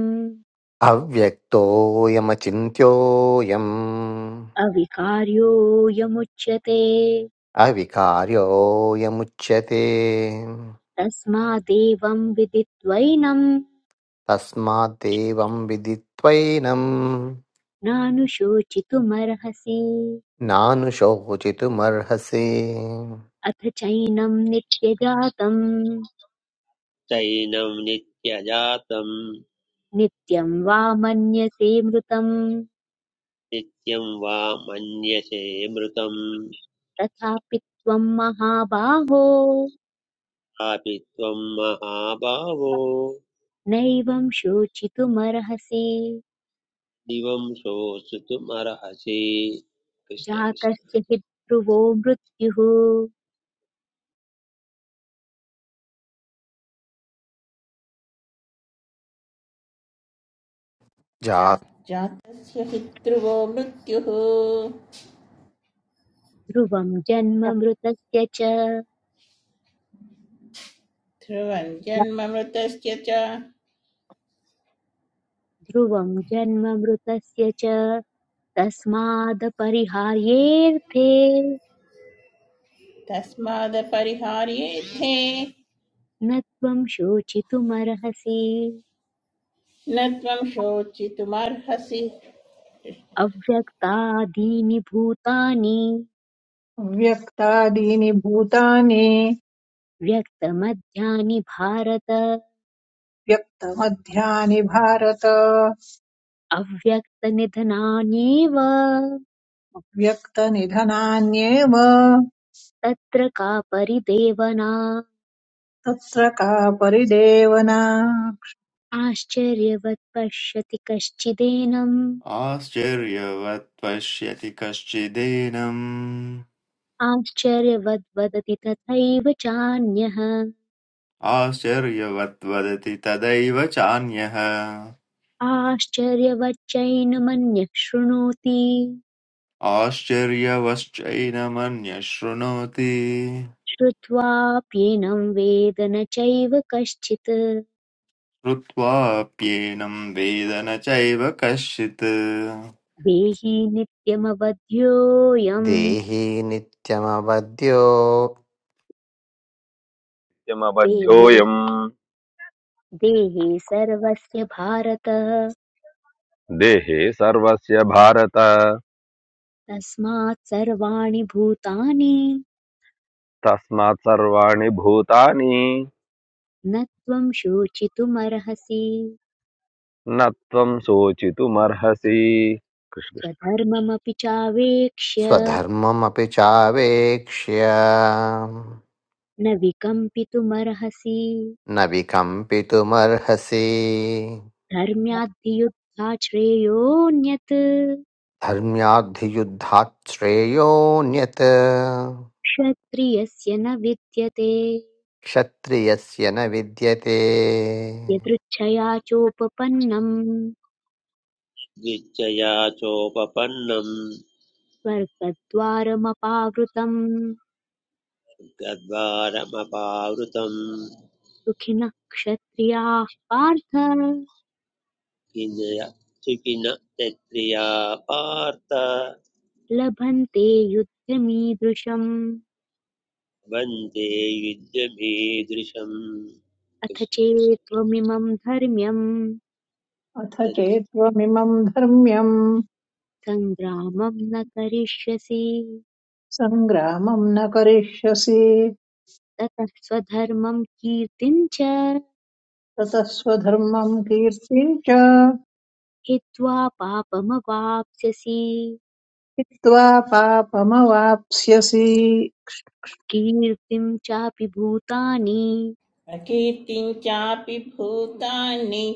S2: अव्यक्तोऽयमचिन्त्योऽयम्
S1: अविकार्योऽयमुच्यते
S2: अविकार्योऽयमुच्यते
S1: तस्मादेवं विदित्वैनं
S2: तस्माद्देवं विदित्वैनं
S1: नानुशोचितुमर्हसि
S2: नानुशोचितुमर्हसि
S1: अथ चैनं नित्यजातम्
S3: चैनं नित्यजातं
S1: नित्यं वा मन्यसे मृतम्
S3: नित्यं वा मन्यसे मृतं
S1: तथापि त्वं महाबाहो
S3: अपि त्वं महाभावो
S1: नैवं शोचितुमर्हसि
S3: दिवं शोषितुमर्हसि कृष्ण कृष्ण
S1: जातस्य हि ध्रुवो मृत्युः
S2: जा
S5: जातस्य हि ध्रुवो मृत्युः
S1: ध्रुवं जन्म मृतस्य च
S5: ध्रुवं जन्ममृतस्य च
S1: ध्रुवं जन्म मृतस्य च तस्मादपरिहार्येऽर्थे
S5: तस्मादपरिहार्येथे
S1: न त्वं शोचितुमर्हसि
S5: न त्वं शोचितुमर्हसि
S1: अव्यक्तादीनि भूतानि
S4: व्यक्तादीनि भूतानि
S1: व्यक्तमध्यानि भारत
S4: व्यक्तमध्यानि भारत
S1: अव्यक्तनिधनान्येव
S4: व्यक्तनिधनान्येव
S1: तत्र का परिदेवना
S4: तत्र का परिदेवना
S1: आश्चर्यवत् पश्यति कश्चिदेनम्
S6: आश्चर्यवत् पश्यति कश्चिदेनम्
S1: आश्चर्यवद् वदति तथैव चान्यः
S6: आश्चर्यवद्वदति तदैव चान्यः
S1: आश्चर्यवच्चैनमन्यः शृणोति
S6: आश्चर्यवश्चैनमन्यः शृणोति
S1: श्रुत्वाप्येनं वेद न चैव कश्चित्
S6: श्रुत्वाप्येनं वेद न चैव कश्चित्
S1: देहि नित्यमवध्योऽयम्
S2: देहि नित्यमवद्यो
S1: देहे
S7: कृष्णकृष्णमबध्योऽयम्
S1: देहे सर्वस्य भारत
S7: देहे सर्वस्य भारत
S1: तस्मात् सर्वाणि भूतानि
S7: तस्मात् सर्वाणि भूतानि
S1: न त्वं शोचितुमर्हसि
S7: न त्वं शोचितुमर्हसि कृष्ण
S1: स्वधर्ममपि चावेक्ष्य
S2: स्वधर्ममपि चावेक्ष्य
S1: न विकम्पितुमर्हसि
S2: न विकम्पितुमर्हसि
S1: धर्म्याद्धियुद्धा श्रेयोऽन्यत्
S2: धर्म्याद्धियुद्धात् श्रेयोऽन्यत्
S1: क्षत्रियस्य न विद्यते
S2: क्षत्रियस्य न विद्यते
S1: यदृच्छया चोपपन्नम्
S3: द्विचया चोपपन्नं
S1: स्वर्गद्वारमपावृतम्
S3: गद्वारमपावृतं
S1: सुखिनः क्षत्रियाः पार्थ
S3: किञ्जय सुखिन तत्प्रिया पार्थ
S1: लभन्ते युद्धमीदृशम्
S3: वन्दे युद्धमीदृशम्
S1: अथ
S3: कृष्णकृष्ण
S1: चेत्त्वमिमं धर्म्यं
S4: अथ चेत्त्वमिमम् धर्म्यम्
S1: सङ्ग्रामं न करिष्यसि
S4: सङ्ग्रामम् न करिष्यसि
S1: ततः स्वधर्मं कीर्तिं च
S4: ततः स्वधर्मम् कीर्तिम् च
S1: हित्वा पापमवाप्स्यसि
S4: हित्वा पापमवाप्स्यसि
S1: कीर्तिं चापि भूतानि
S5: प्रकीर्तिं चापि भूतानि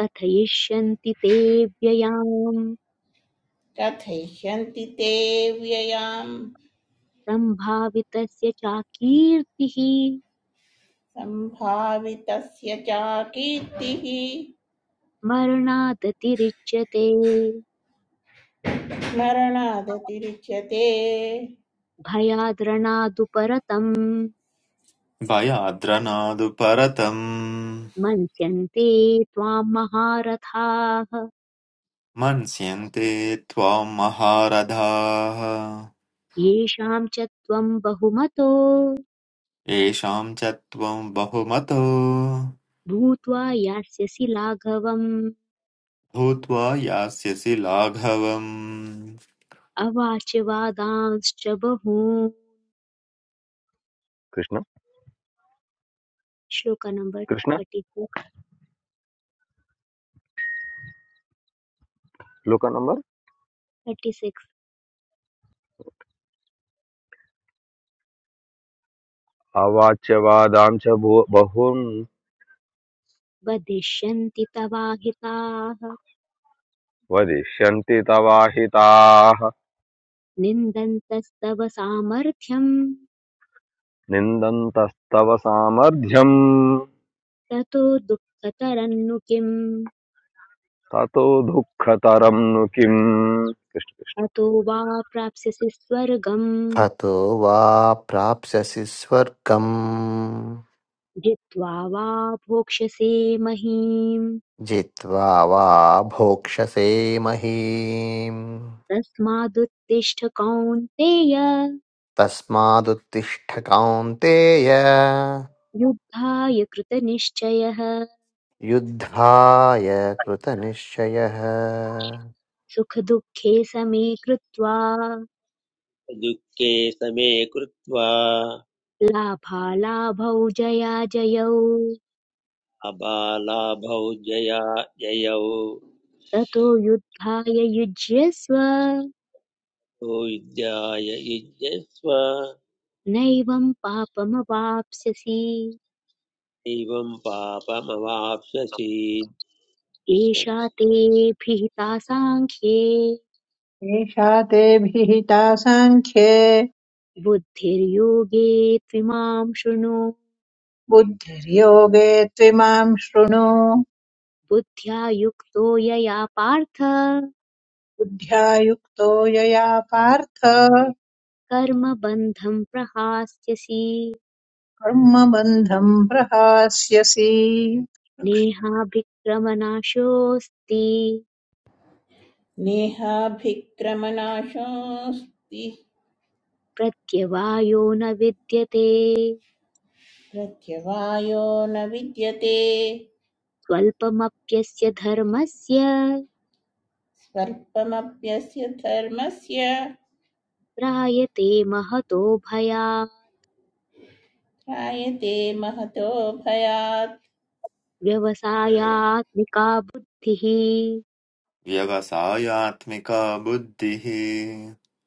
S1: कथयिष्यन्ति ते व्ययाम्
S5: कथयिष्यन्ति ते व्ययाम्
S1: सम्भावितस्य चाकीर्तिः
S5: सम्भावितस्य च कीर्तिः
S1: मरणादतिरिच्यते
S5: स्मरणादतिरिच्यते
S1: भयाद्रणादुपरतम्
S6: भयाद्रनादु परतम्
S1: मन्स्यन्ते त्वाम् महारथाः
S6: मन्स्यन्ते त्वां महारथाः
S1: येषाम् च त्वम् बहुमतो
S6: येषां च त्वं बहुमतो
S1: भूत्वा यास्यसि लाघवम्
S6: भूत्वा यास्यसि लाघवम्
S1: अवाच वादांश्च बहून्
S7: कृष्ण कृष्ण
S1: श्लोक नम्बर्
S7: कृष्ण
S1: थर्टि सिक्स्
S7: श्लोक नंबर
S1: थर्टि सिक्स्
S7: अवाच्यवादां च भू- बहून्
S1: वदिष्यन्ति तवाहिताः
S7: वदिष्यन्ति तवाहिताः
S1: निन्दन्तस्तव सामर्थ्यम्
S7: निन्दन्तस्तव सामर्थ्यम्
S1: ततो दुःखतरन्नु किम्
S7: ततो दुःखतरं नु किम् कृष्ण
S1: अतो वा प्राप्स्यसि स्वर्गम्
S2: हतो वा प्राप्स्यसि स्वर्गम्
S1: जित्वा वा भोक्ष्यसे महीम्
S2: जित्वा वा भोक्ष्यसे महीम्
S1: तस्मादुत्तिष्ठ कौन्तेय
S2: तस्मादुत्तिष्ठ कौन्तेय
S1: युद्धाय कृतनिश्चयः
S2: युद्धाय कृतनिश्चयः
S1: सुखदुःखे समे कृत्वा
S3: दुःखे समे कृत्वा
S1: लाभालाभौ जयाजयौ
S3: अबालाभौ जया जयौ
S1: ततो युद्धाय युज्यस्व
S3: तो युद्धाय युज्यस्व
S1: नैवं पापमवाप्स्यसि
S3: एवं पापमवाप्स्यसि
S1: एषा
S3: कृष्णकृष्ण
S1: ते भिहिता साङ्ख्ये
S4: एषा ते भिहिता साङ्ख्ये
S1: बुद्धिर्योगे त्विमां शृणु
S4: बुद्धिर्योगे त्विमाम् शृणु
S1: बुद्ध्या युक्तो यया पार्थ
S4: बुद्ध्या युक्तो यया पार्थ
S1: कर्मबन्धं प्रहास्यसि
S4: कर्मबन्धम् प्रहास्यसि
S1: नेहाभिक्रमनाशोऽस्ति
S5: नेहाभिक्रमनाशोऽस्ति
S1: प्रत्यवायो न विद्यते
S5: प्रत्यवायो न विद्यते
S1: स्वल्पमप्यस्य धर्मस्य
S5: स्वर्पमप्यस्य धर्मस्य
S1: त्रायते महतो भयात्
S5: त्रायते महतो भयात्
S1: व्यवसायात्मिका बुद्धिः
S6: व्यवसायात्मिका बुद्धिः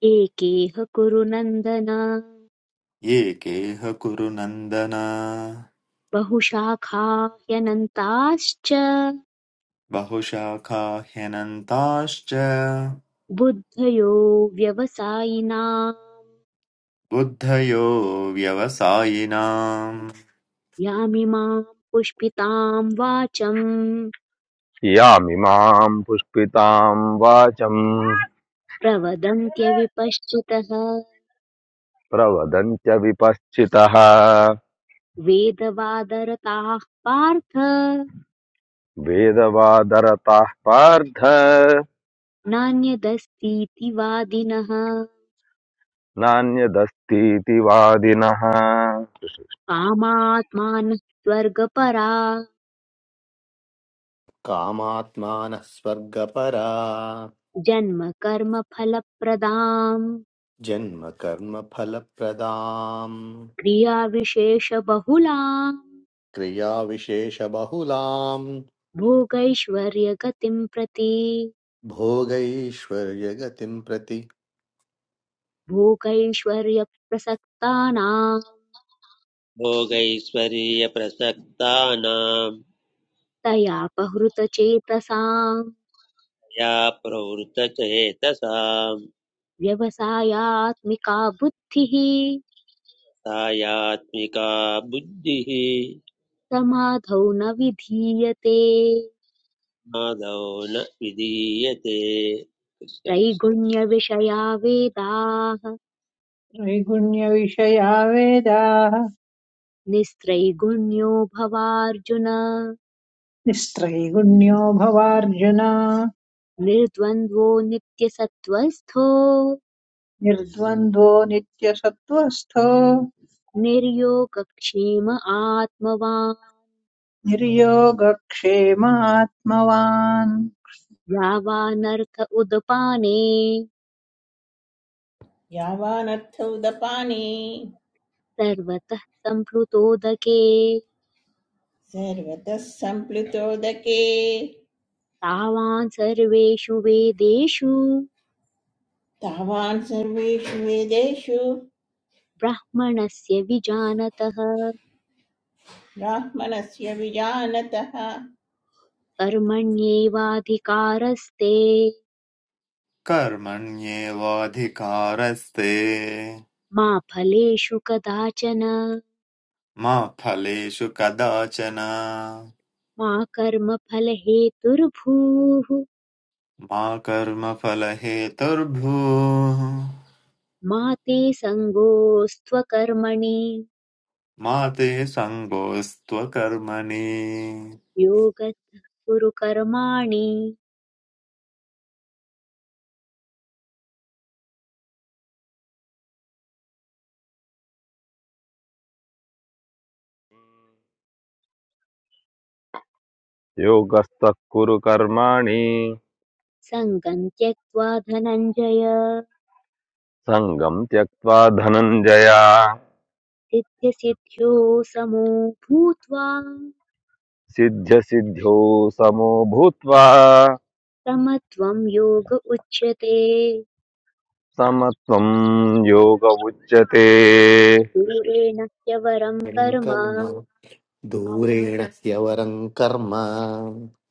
S1: एकेह कुरु नन्दन
S6: एकेह कुरु नन्दन
S1: बहुशाखा ह्यनन्ताश्च
S6: बहुशाखा ह्यनन्ताश्च
S1: बुद्धयो व्यवसायिनाम्
S6: बुद्धयो व्यवसायिनाम्
S1: यामिमाम् पुष्पिताम् वाचम्
S7: कृष्ण यामिमां पुष्पितां वाचम्
S1: प्रवदन्त्यविपश्चितः
S7: प्रवदन्त्य विपश्चितः
S1: वेदवादरताः पार्थ
S7: वेदवादरताः पार्थ
S1: नान्यदस्तीति वादिनः
S7: नान्यदस्तीति वादिनः
S1: कामात्मानः स्वर्गपरा
S2: कामात्मानः स्वर्गपरा
S1: जन्म कर्म फलप्रदाम्
S2: जन्म कर्म फलप्रदाम्
S1: क्रियाविशेषबहुलाम्
S2: क्रियाविशेषबहुलाम्
S1: भोगैश्वर्यगतिम् प्रति
S2: भोगैश्वर्यगतिम् प्रति
S1: भोगैश्वर्यप्रसक्तानाम्
S3: भोगैश्वर्यप्रसक्तानां
S1: तयापहृतचेतसाम्
S3: या प्रवृतचेतसां
S1: व्यवसायात्मिका बुद्धिः
S3: सायात्मिका बुद्धिः
S1: समाधौ न विधीयते
S3: आदौ न विधीयते कृष्ण कृष्ण
S1: त्रैगुण्यविषया वेदाः
S4: त्रैगुण्यविषया वेदाः
S1: निस्त्रैगुण्यो भवार्जुन
S4: निस्त्रैगुण्यो भवार्जुन
S1: निर्द्वन्द्वो नित्यसत्त्वस्थो
S4: निर्द्वन्द्वो नित्यसत्त्वस्थो
S1: निर्योगक्षेम आत्मवान्
S4: निर्योगक्षेमात्मवान्
S1: यावानर्थ उदपाने
S5: यावानर्थ उदपानि
S1: सर्वतः सम्प्लुतोदके
S5: सर्वतः सम्प्लुतोदके
S1: तावान् सर्वेषु वेदेषु
S5: तावान् सर्वेषु वेदेषु
S1: ब्राह्मणस्य विजानतः
S5: ब्राह्मणस्य विजानतः
S1: कर्मण्येवाधिकारस्ते
S6: कर्मण्येवाधिकारस्ते
S1: मा फलेषु कदाचन
S6: मा फलेषु कदाचन
S1: मा कर्मफलहेतुर्भूः
S6: मा कर्मफलहेतुर्भूः
S1: मा ते सङ्गोऽस्त्वकर्मणि
S6: मा ते सङ्गोऽस्त्वकर्मणि
S1: योगः कुरु कर्माणि
S7: योगस्तः कुरु कर्माणि
S1: सङ्गम् त्यक्त्वा धनञ्जय
S7: सङ्गं त्यक्त्वा धनञ्जय
S1: सिद्ध्यसिद्ध्यो समो भूत्वा
S7: सिद्ध्यसिद्ध्यौ समो भूत्वा
S1: समत्वं योग उच्यते
S7: समत्वं योग उच्यते श्री
S1: दूरेण ह्यवरं
S2: परं
S1: कर्म
S2: कर्म दूरेण ह्यवरं कर्म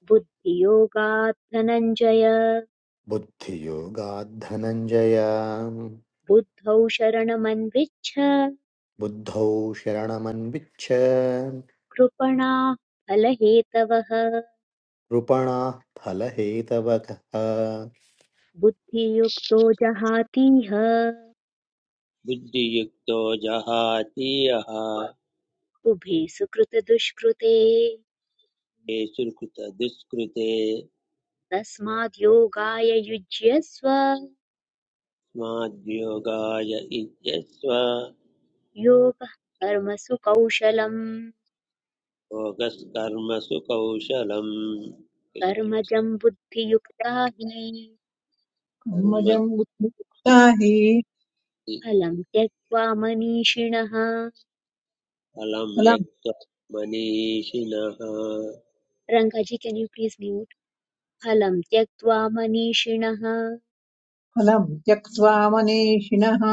S1: बुद्धियोगात् धनञ्जय
S2: बुद्धियोगाद्धनञ्जय
S1: बुद्धौ शरणमन्विच्छ
S2: बुद्धौ शरणमन्विच्छ
S1: कृपणाः फलहेतवः
S2: कृपणाः फलहेतवकः
S1: बुद्धियुक्तो जहातीह
S3: बुद्धियुक्तो जहातीयः
S1: उभे सुकृतदुष्कृते
S3: येषुकृतदुष्कृते
S1: तस्माद्योगाय युज्यस्व
S3: स्माद्योगाय इत्यस्व
S1: योगः कर्मसु कौशलम्
S3: भोगस्कर्मसु कौशलम् कृष्ण कृष्ण
S1: कर्मजम् बुद्धियुक्ता हि
S4: मजम्
S3: कर्मजि
S4: बुद्धियुक्ताहि
S1: फलम् त्यक्त्वा मनीषिणः
S3: फलं
S4: फलम्
S3: यक्त्वा मनीषिणः
S1: रङ्गाजी केन् यू प्लीज म्यूट् फलम् त्यक्त्वा मनीषिणः
S4: फलम् त्यक्त्वा मनीषिणः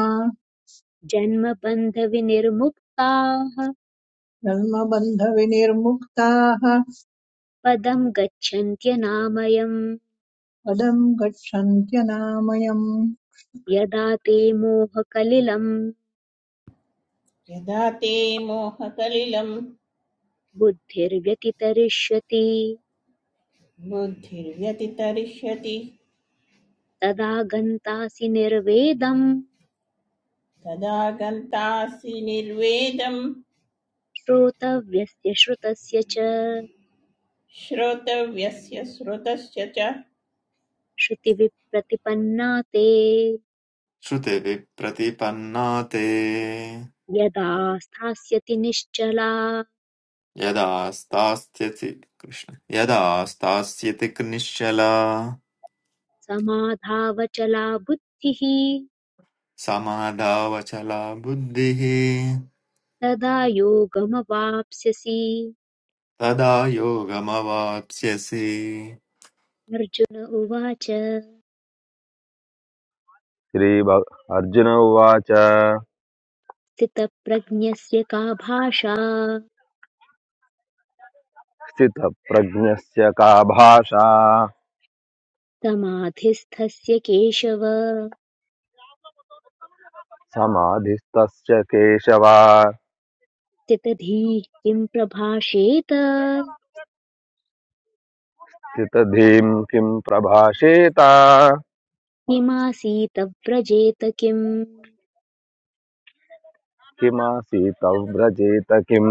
S1: जन्मबन्धविनिर्मुक्ताः
S4: जन्मबन्धविनिर्मुक्ताः
S1: पदम् गच्छन्त्यनामयम्
S4: पदम् गच्छन्त्यनामयम्
S1: यदा ते मोहकलिलम्
S5: यदा ते मोहकलिलम्
S1: बुद्धिर्व्यतितरिष्यति
S5: बुद्धिर्व्यतितरिष्यति
S1: तदा गन्तासि निर्वेदं
S5: तदा गन्तासि निर्वेदं
S1: श्रोतव्यस्य श्रुतस्य च
S5: श्रोतव्यस्य श्रुतश्च च
S1: श्रुतिविप्रतिपन्ना ते
S6: श्रुतिभिः प्रतिपन्ना ते
S1: यदा स्थास्यति निश्चला
S6: यदा स्थास्यसि कृष्ण यदा स्थास्यति निश्चला
S1: समाधावचला बुद्धिः
S6: समाधावचला बुद्धिः
S1: तदा योगमवाप्स्यसि
S6: तदा योगमवाप्स्यसि
S1: अर्जुन उवाच
S7: अर्जुन उवाच
S1: स्थितप्रज्ञस्य का भाषा
S7: स्थितप्रज्ञस्य का भाषा
S1: समाधिस्थस्य केशव
S7: समाधिस्तस्य केशवा
S1: स्थितधीः किं प्रभाषेत
S7: स्थितधीं किं प्रभाषेत
S1: किमासीत व्रजेत किम्
S7: किमासीत व्रजेत किम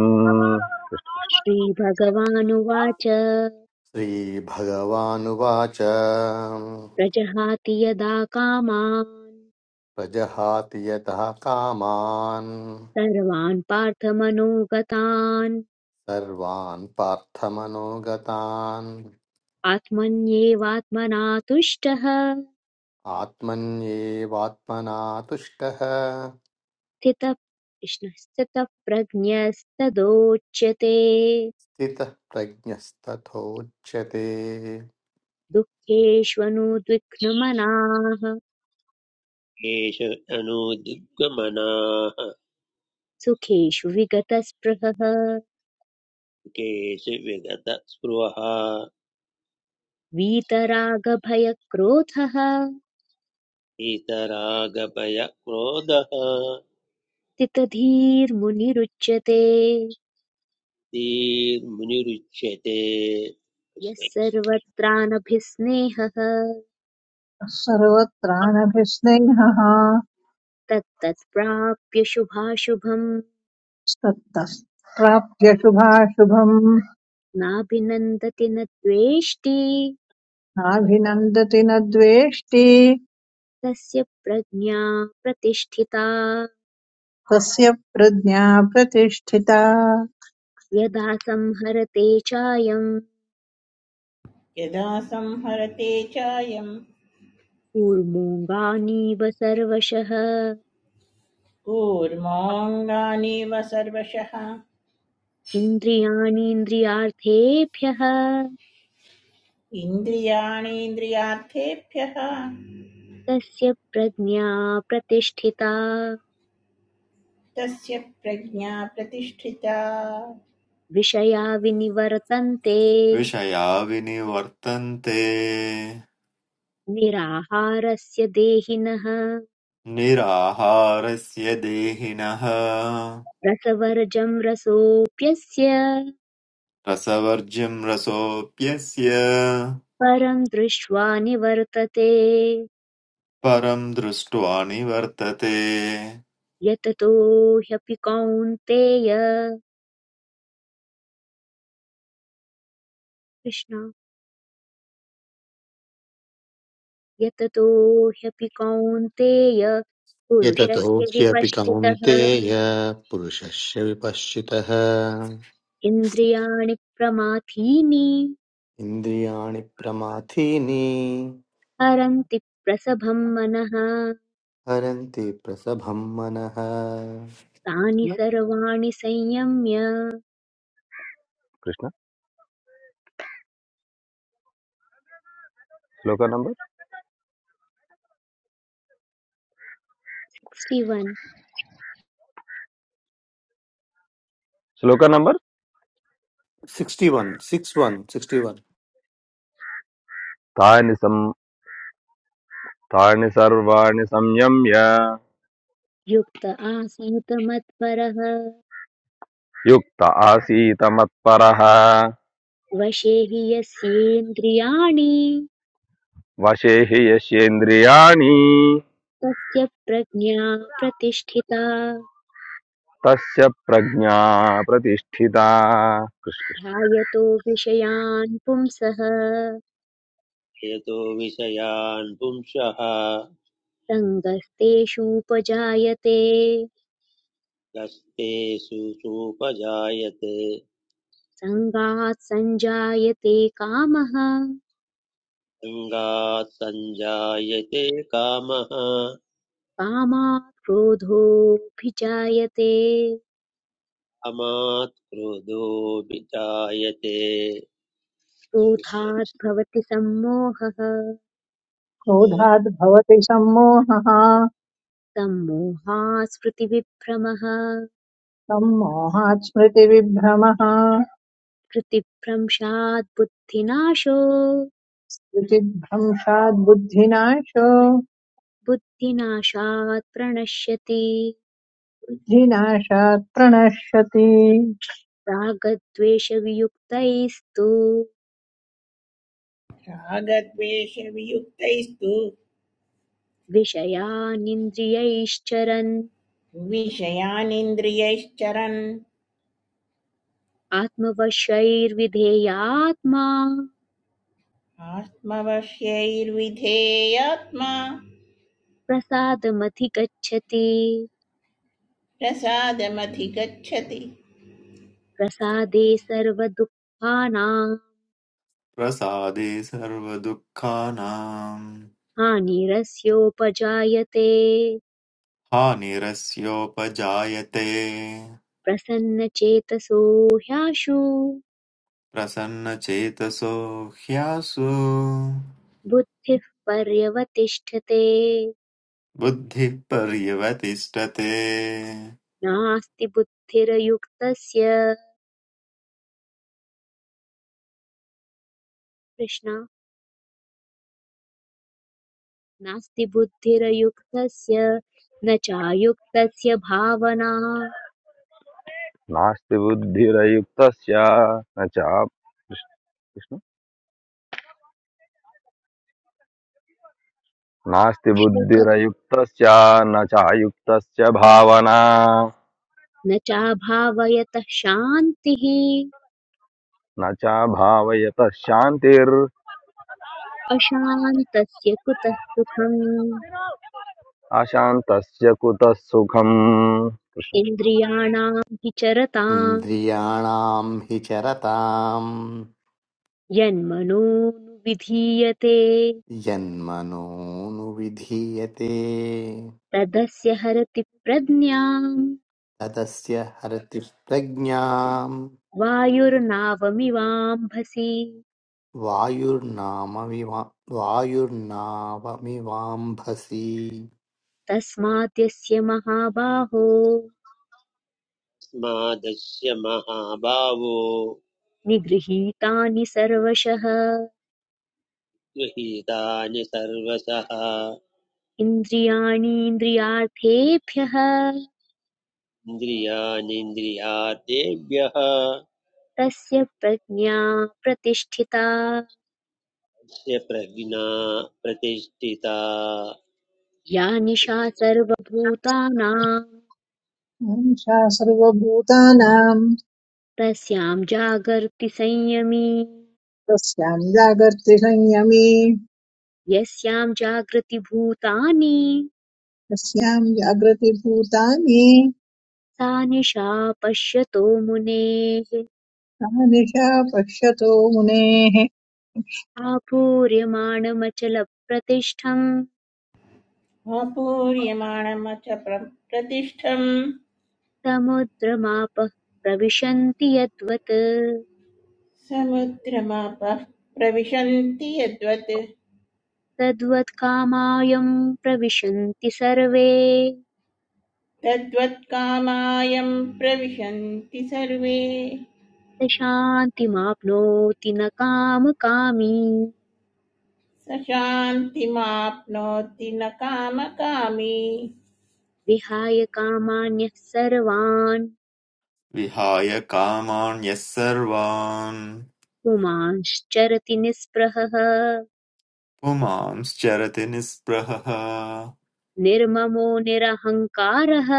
S1: श्रीभगवानुवाच
S2: श्रीभगवानुवाच
S1: प्रजहाति यदा कामान्
S2: प्रजहाति यतः कामान्
S1: सर्वान् पार्थमनोगतान्
S2: सर्वान् पार्थमनोगतान्
S1: आत्मन्येवात्मना तुष्टः
S2: आत्मन्येवात्मना तुष्टः
S1: स्थितः कृष्ण स्थितः प्रज्ञस्तदोच्यते
S2: स्थितः प्रज्ञस्तथोच्यते
S1: दुःखेष्वनुद्विघ्नमनाः
S3: केषु अनुदिग्गमनाः
S1: सुखेषु विगतस्पृहः
S3: केषु विगतस्पृहः
S1: वीतरागभयक्रोधः
S3: इतरागभयक्रोधः
S1: तितधीर्मुनिरुच्यते
S3: धीर्मुनिरुच्यते
S1: यः
S3: कृष्ण कृष्ण।
S1: सर्वत्रानभिस्नेहः
S4: सर्वत्राणभिस्नेहः
S1: तत्तत्प्राप्य शुभाशुभम्
S4: तत्तः प्राप्य शुभाशुभम्
S1: नाभिनन्दति न द्वेष्टि
S4: नाभिनन्दति न द्वेष्टि
S1: तस्य प्रज्ञा प्रतिष्ठिता
S4: तस्य प्रज्ञा प्रतिष्ठिता
S1: यदा संहरते चायम्
S5: यदा संहरते चायं
S1: कूर्मोऽङ्गानीव सर्वशः
S5: कूर्मोऽङ्गानीव सर्वशः
S1: इन्द्रियाणीन्द्रियार्थेभ्यः
S5: इन्द्रियाणीन्द्रियार्थेभ्यः
S1: तस्य प्रज्ञा प्रतिष्ठिता
S5: तस्य प्रज्ञा प्रतिष्ठिता
S1: विषया विनिवर्तन्ते
S6: विषया विनिवर्तन्ते
S1: निराहारस्य देहिनः
S6: निराहारस्य देहिनः
S1: रसवर्जं रसोऽप्यस्य
S6: रसवर्ज्यं रसोऽप्यस्य
S1: परं दृष्ट्वा निवर्तते
S6: परं दृष्ट्वा निवर्तते
S1: यततो ह्यपि कौन्तेय कृष्ण यततो ह्यपि कौन्तेय
S2: यततो
S1: पुरुषस्य
S2: ह्यपि
S1: विपश्चितः
S2: कौन्तेय पुरुषस्य विपश्चितः
S1: इन्द्रियाणि प्रमाथीनि
S2: इन्द्रियाणि प्रमाथीनि
S1: हरन्ति प्रसभं मनः
S2: हरन्ति प्रसभं मनः
S1: तानि सर्वाणि संयम्य
S7: कृष्ण श्लोक नंबर
S1: 61
S7: श्लोक number
S2: sixty one six one sixty one
S7: तानि सं तानि सर्वाणि संयम्य
S1: युक्त आसीत् मत्परः
S7: युक्त आसीत मत्परः
S1: वशे हि यस्येन्द्रियाणि
S7: वशे हि यस्येन्द्रियाणि
S1: तस्य प्रज्ञा प्रतिष्ठिता
S7: तस्य प्रज्ञा प्रतिष्ठिता कृष्ण
S1: ध्यायतो विषयान् पुंसः
S3: यतो विषयान् पुंसः
S1: सङ्गस्तेषूपजायते
S3: यस्ते सुसुपजायते
S1: सङ्गात् सञ्जायते कामः
S3: अङ्गात् सञ्जायते कामः
S1: कामात् क्रोधोऽभिजायते
S3: अमात् क्रोधोऽभिजायते कृष्ण
S1: क्रोधात्
S3: कृष्ण।
S1: भवति सम्मोहः
S4: क्रोधाद्भवति सम्मोहः
S1: सम्मोहात् स्मृतिविभ्रमः
S4: सम्मोहात् स्मृतिविभ्रमः
S1: कृतिभ्रंशात् बुद्धिनाशो
S4: स्मृतिभ्रंशात् बुद्धिनाशो
S1: बुद्धिनाशात् प्रणश्यति
S4: बुद्धिनाशात् प्रणश्यति
S1: रागद्वेषवियुक्तैस्तु
S5: रागद्वेषवियुक्तैस्तु
S1: विषयानिन्द्रियैश्चरन्
S5: विषयानिन्द्रियैश्चरन्
S1: आत्मवशैर्विधेयात्मा
S5: आत्मवश्यैर्विधेयात्मा
S1: प्रसादमधिगच्छति
S5: प्रसादमधिगच्छति
S1: प्रसादे सर्वदुःखानां
S6: प्रसादे सर्वदुःखानाम्
S1: हानिरस्योपजायते
S6: हानिरस्योपजायते
S1: प्रसन्नचेतसो ह्याशु
S6: प्रसन्नचेतसो ह्यासु
S1: बुद्धिः पर्यवतिष्ठते
S6: बुद्धिः पर्यवतिष्ठते
S1: नास्ति बुद्धिरयुक्तस्य कृष्ण नास्ति बुद्धिरयुक्तस्य न चायुक्तस्य भावना
S7: नास्ति बुद्धिरयुक्तस्य न च कृष्ण नास्ति
S1: श्लोक
S7: बुद्धिरयुक्तस्य न चायुक्तस्य भावना
S1: न चाभावयतः शान्तिः
S7: न चाभावयतः शान्तिर्
S1: अशान्तस्य कुतः सुखम्
S7: अशान्तस्य कुतः सुखम् कृष्ण कृष्ण।
S1: इन्द्रियाणां विचरताम्
S2: इन्द्रियाणां हि चरतां
S1: यन्मनोनुविधीयते
S2: यन्मनोनुविधीयते
S1: तदस्य हरति प्रज्ञाम्
S2: तदस्य हरति प्रज्ञां
S1: वायुर्नावमिवाम्भसि
S2: वायुर्नाम वायुर्नावमिवाम्भसि
S1: तस्मात् यस्य महाबाहो
S3: तस्मादस्य महाभावो
S1: निगृहीतानि सर्वशः
S3: गृहीतानि सर्वशः
S1: इन्द्रियाणीन्द्रियार्थेभ्यः
S3: इन्द्रियाणीन्द्रियार्थेभ्यः
S1: तस्य प्रज्ञा प्रतिष्ठिता
S3: स्य प्रज्ञा प्रतिष्ठिता
S1: या निशा सर्वभूतानां
S4: सा सर्वभूतानां
S1: तस्यां जागर्ति संयमी
S4: तस्यां जागर्ति संयमे
S1: यस्यां जागृति भूतानि
S4: तस्यां जागृतिभूतानि
S1: सा निशा पश्यतो मुनेः
S4: तानिशा पश्यतो मुनेः
S1: आपूर्यमाणमचलप्रतिष्ठं
S5: आपूर्यमाणमथ प्र- प्रतिष्ठम्
S1: समुद्रमापः प्रविशन्ति यद्वत्
S5: समुद्रमापः प्रविशन्ति यद्वत्
S1: तद्वत्कामायं प्रविशन्ति सर्वे
S5: तद्वत्कामायं प्रविशन्ति सर्वे
S1: स शान्तिमाप्नोति न कामकामी
S5: स शान्तिमाप्नोति न कामकामी
S1: विहाय कामान्यः सर्वान्
S6: विहाय कामान् यः सर्वान्
S1: पुमांश्चरति निःस्पृहः
S6: पुमांश्चरति निःस्पृहः
S1: निर्ममो निरहङ्कारः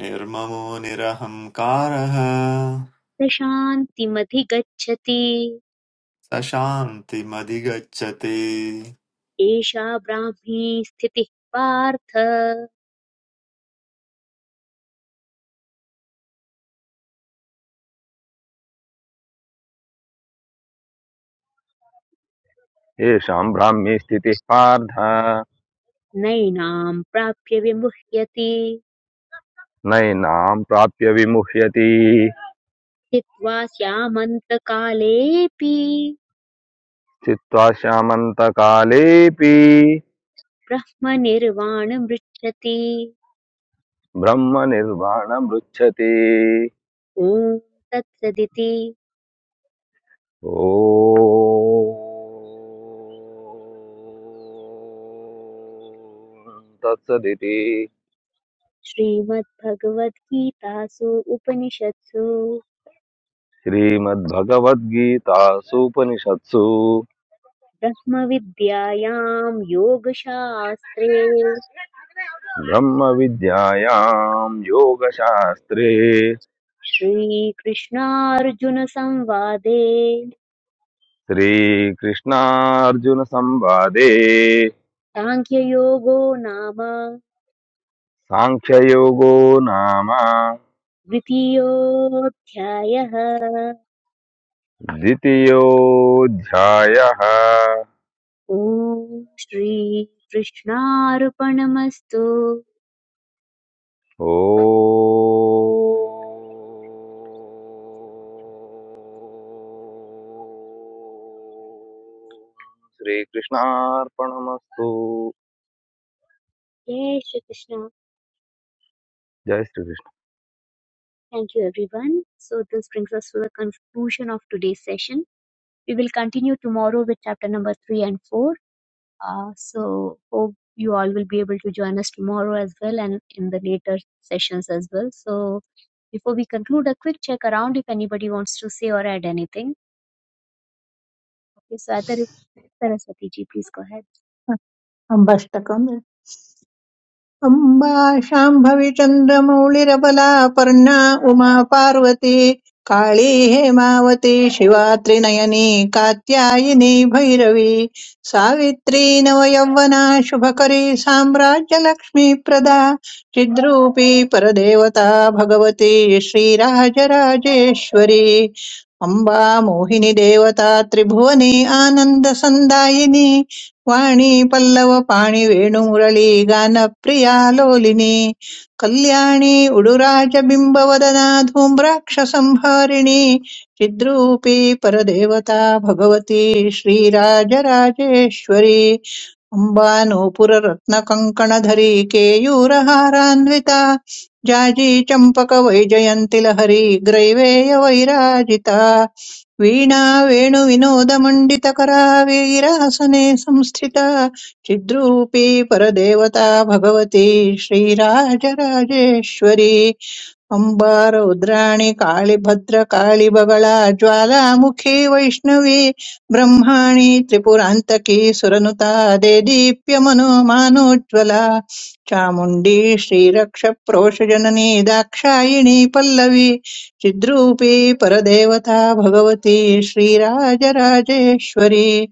S6: निर्ममो निरहङ्कारः
S1: स शान्तिमधिगच्छति
S6: स शान्तिमधिगच्छति
S1: एषा ब्राह्मी स्थितिः पार्थ
S7: येषां भ्राम्ये स्थितिः पार्थ
S1: नैनां प्राप्य विमुह्यति
S7: नैनां प्राप्य विमुह्यति
S1: स्थित्वा स्यामन्तकालेऽपि
S7: चित्वा श्यामन्तकालेऽपि
S1: ब्रह्मनिर्वाणमृच्छति
S7: ब्रह्मनिर्वाणमृच्छति
S1: ॐ तत्सदिति
S7: ॐ तत्सदिति
S1: श्रीमद्भगवद्गीतासु उपनिषत्सु
S7: श्रीमद्भगवद्गीतासूपनिषत्सु
S1: ब्रह्मविद्यायां योगशास्त्रे
S7: ब्रह्मविद्यायां योगशास्त्रे
S1: श्रीकृष्णार्जुनसंवादे
S7: श्रीकृष्णार्जुनसंवादे
S1: साङ्ख्ययोगो नाम
S7: साङ्ख्ययोगो नाम
S1: द्वितीयोऽध्यायः
S7: द्वितीयोऽध्यायः
S1: ॐ श्रीकृष्णार्पणमस्तु
S7: ओ श्रीकृष्णार्पणमस्तु
S1: जय श्रीकृष्ण
S7: जय Shri Krishna
S1: Thank you, everyone. So, this brings us to the conclusion of today's session. We will continue tomorrow with chapter number three and four. Uh, so, hope you all will be able to join us tomorrow as well and in the later sessions as well. So, before we conclude, a quick check around if anybody wants to say or add anything. Okay, so, Adar- Saraswati ji, please go ahead.
S4: अम्बष्टकम् अम्बा शाम्भवी चन्द्रमौळिरबला पर्णा उमा पार्वती काळी हेमावती शिवा त्रिनयनी कात्यायिनी भैरवी सावित्री नवयौवना शुभकरी साम्राज्यलक्ष्मीप्रदा चिद्रूपी परदेवता भगवती श्रीराजराजेश्वरी अम्बा मोहिनी देवता त्रिभुवनी आनन्दसन्दायिनी वाणी पल्लव पाणि वेणुमुरली गानप्रिया लोलिनी कल्याणी उडुराजबिम्बवदना धूम्राक्षसंहारिणी चिद्रूपी परदेवता भगवती श्रीराजराजेश्वरी अम्बा नूपुररत्नकङ्कणधरी केयूरहारान्विता जाजी चम्पकवैजयन्ति लहरी ग्रैवेयवैराजिता वीणा वेणुविनोदमण्डितकरा वीरासने संस्थिता चिद्रूपी परदेवता भगवती श्रीराजराजेश्वरी अम्बार रुद्राणि काळिभद्र काळिबगळा ज्वालामुखी वैष्णवी ब्रह्माणि त्रिपुरान्तकी सुरनुता देदीप्य मनोमानोज्ज्वला चामुण्डी श्रीरक्षप्रोषजननी दाक्षायिणी पल्लवी चिद्रूपी परदेवता भगवती श्रीराजराजेश्वरी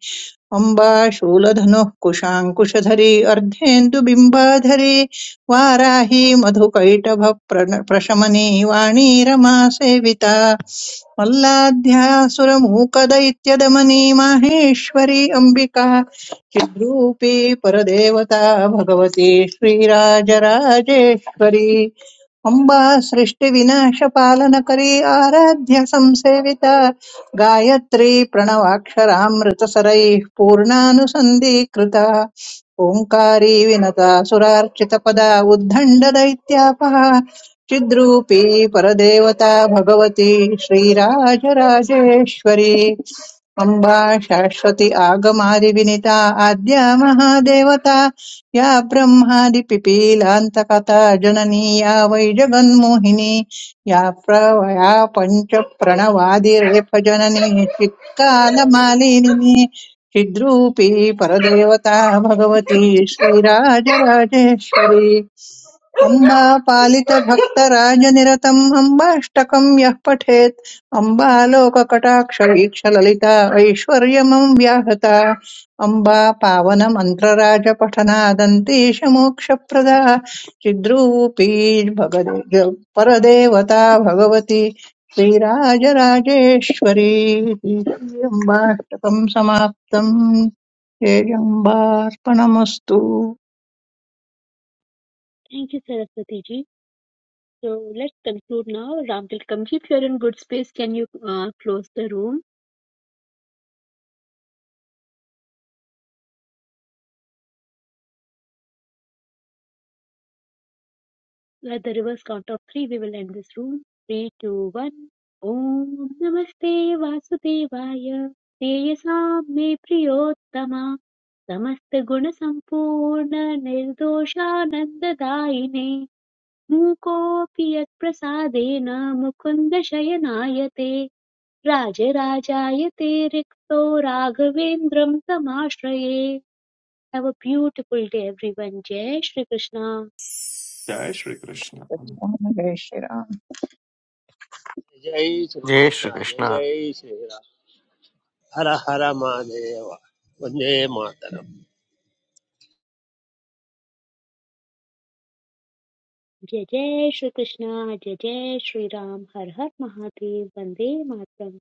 S4: अम्बा शूलधनुः कुशाङ्कुशधरी अर्धेन्दुबिम्बाधरी वाराही मधुकैटभप्रण- प्रशमनी वाणी रमा सेविता मल्लाध्यासुरमूकदैत्यदमनी माहेश्वरी अम्बिका चिद्रूपी परदेवता भगवती श्रीराजराजेश्वरी अम्बा सृष्टिविनाशपालनकरी आराध्य संसेविता गायत्री प्रणवाक्षरामृतसरैः पूर्णानुसन्धीकृता ओङ्कारी विनता सुरार्चितपदा उद्दण्डदैत्यापः चिद्रूपी परदेवता भगवती श्रीराजराजेश्वरी अम्बा शाश्वती आगमादिविनिता आद्या महादेवता या ब्रह्मादिपिपीलान्तकथा जननी या वै जगन्मोहिनी या प्रवया पञ्चप्रणवादिरेफजननी चित्कालमालिनी चिद्रूपी परदेवता भगवती श्रीराजराजेश्वरी अम्बापालितभक्तराजनिरतम् अम्बाष्टकम् यः पठेत् अम्बालोककटाक्षवीक्षललिता ऐश्वर्यमम् व्याहता अम्बा पावनमन्त्रराजपठनादन्तीशमोक्षप्रदा चिद्रूपी भगदे ज- परदेवता भगवती श्रीराजराजेश्वरी अम्बाष्टकम् समाप्तम् तेजम्बार्पणमस्तु
S1: Thank you, Saraswati ji. So let's conclude now. Ramtil Kamji, if you're in good space, can you uh, close the room? Let the reverse count of three. We will end this room. Three, two, one. Om Namaste Vasudevaya. Teyasaam me priyottama. Samasta guna sampurna nirdoshananda daine. Mukopi yat prasadena mukunda shayanayate. Rajarajayate rikto raghavendram tamashraye. Have a beautiful day everyone. Jai Shri Krishna.
S6: जय श्रीकृष्ण
S4: जय श्रीराम
S3: जय
S2: जय
S3: श्रीकृष्ण जय
S2: श्रीकृष्ण
S3: जय श्रीराम हर हर महादेव वन्दे मातरम्
S1: जय जय श्रीकृष्ण जय जय श्रीराम हर हर महादेव वन्दे मातरम्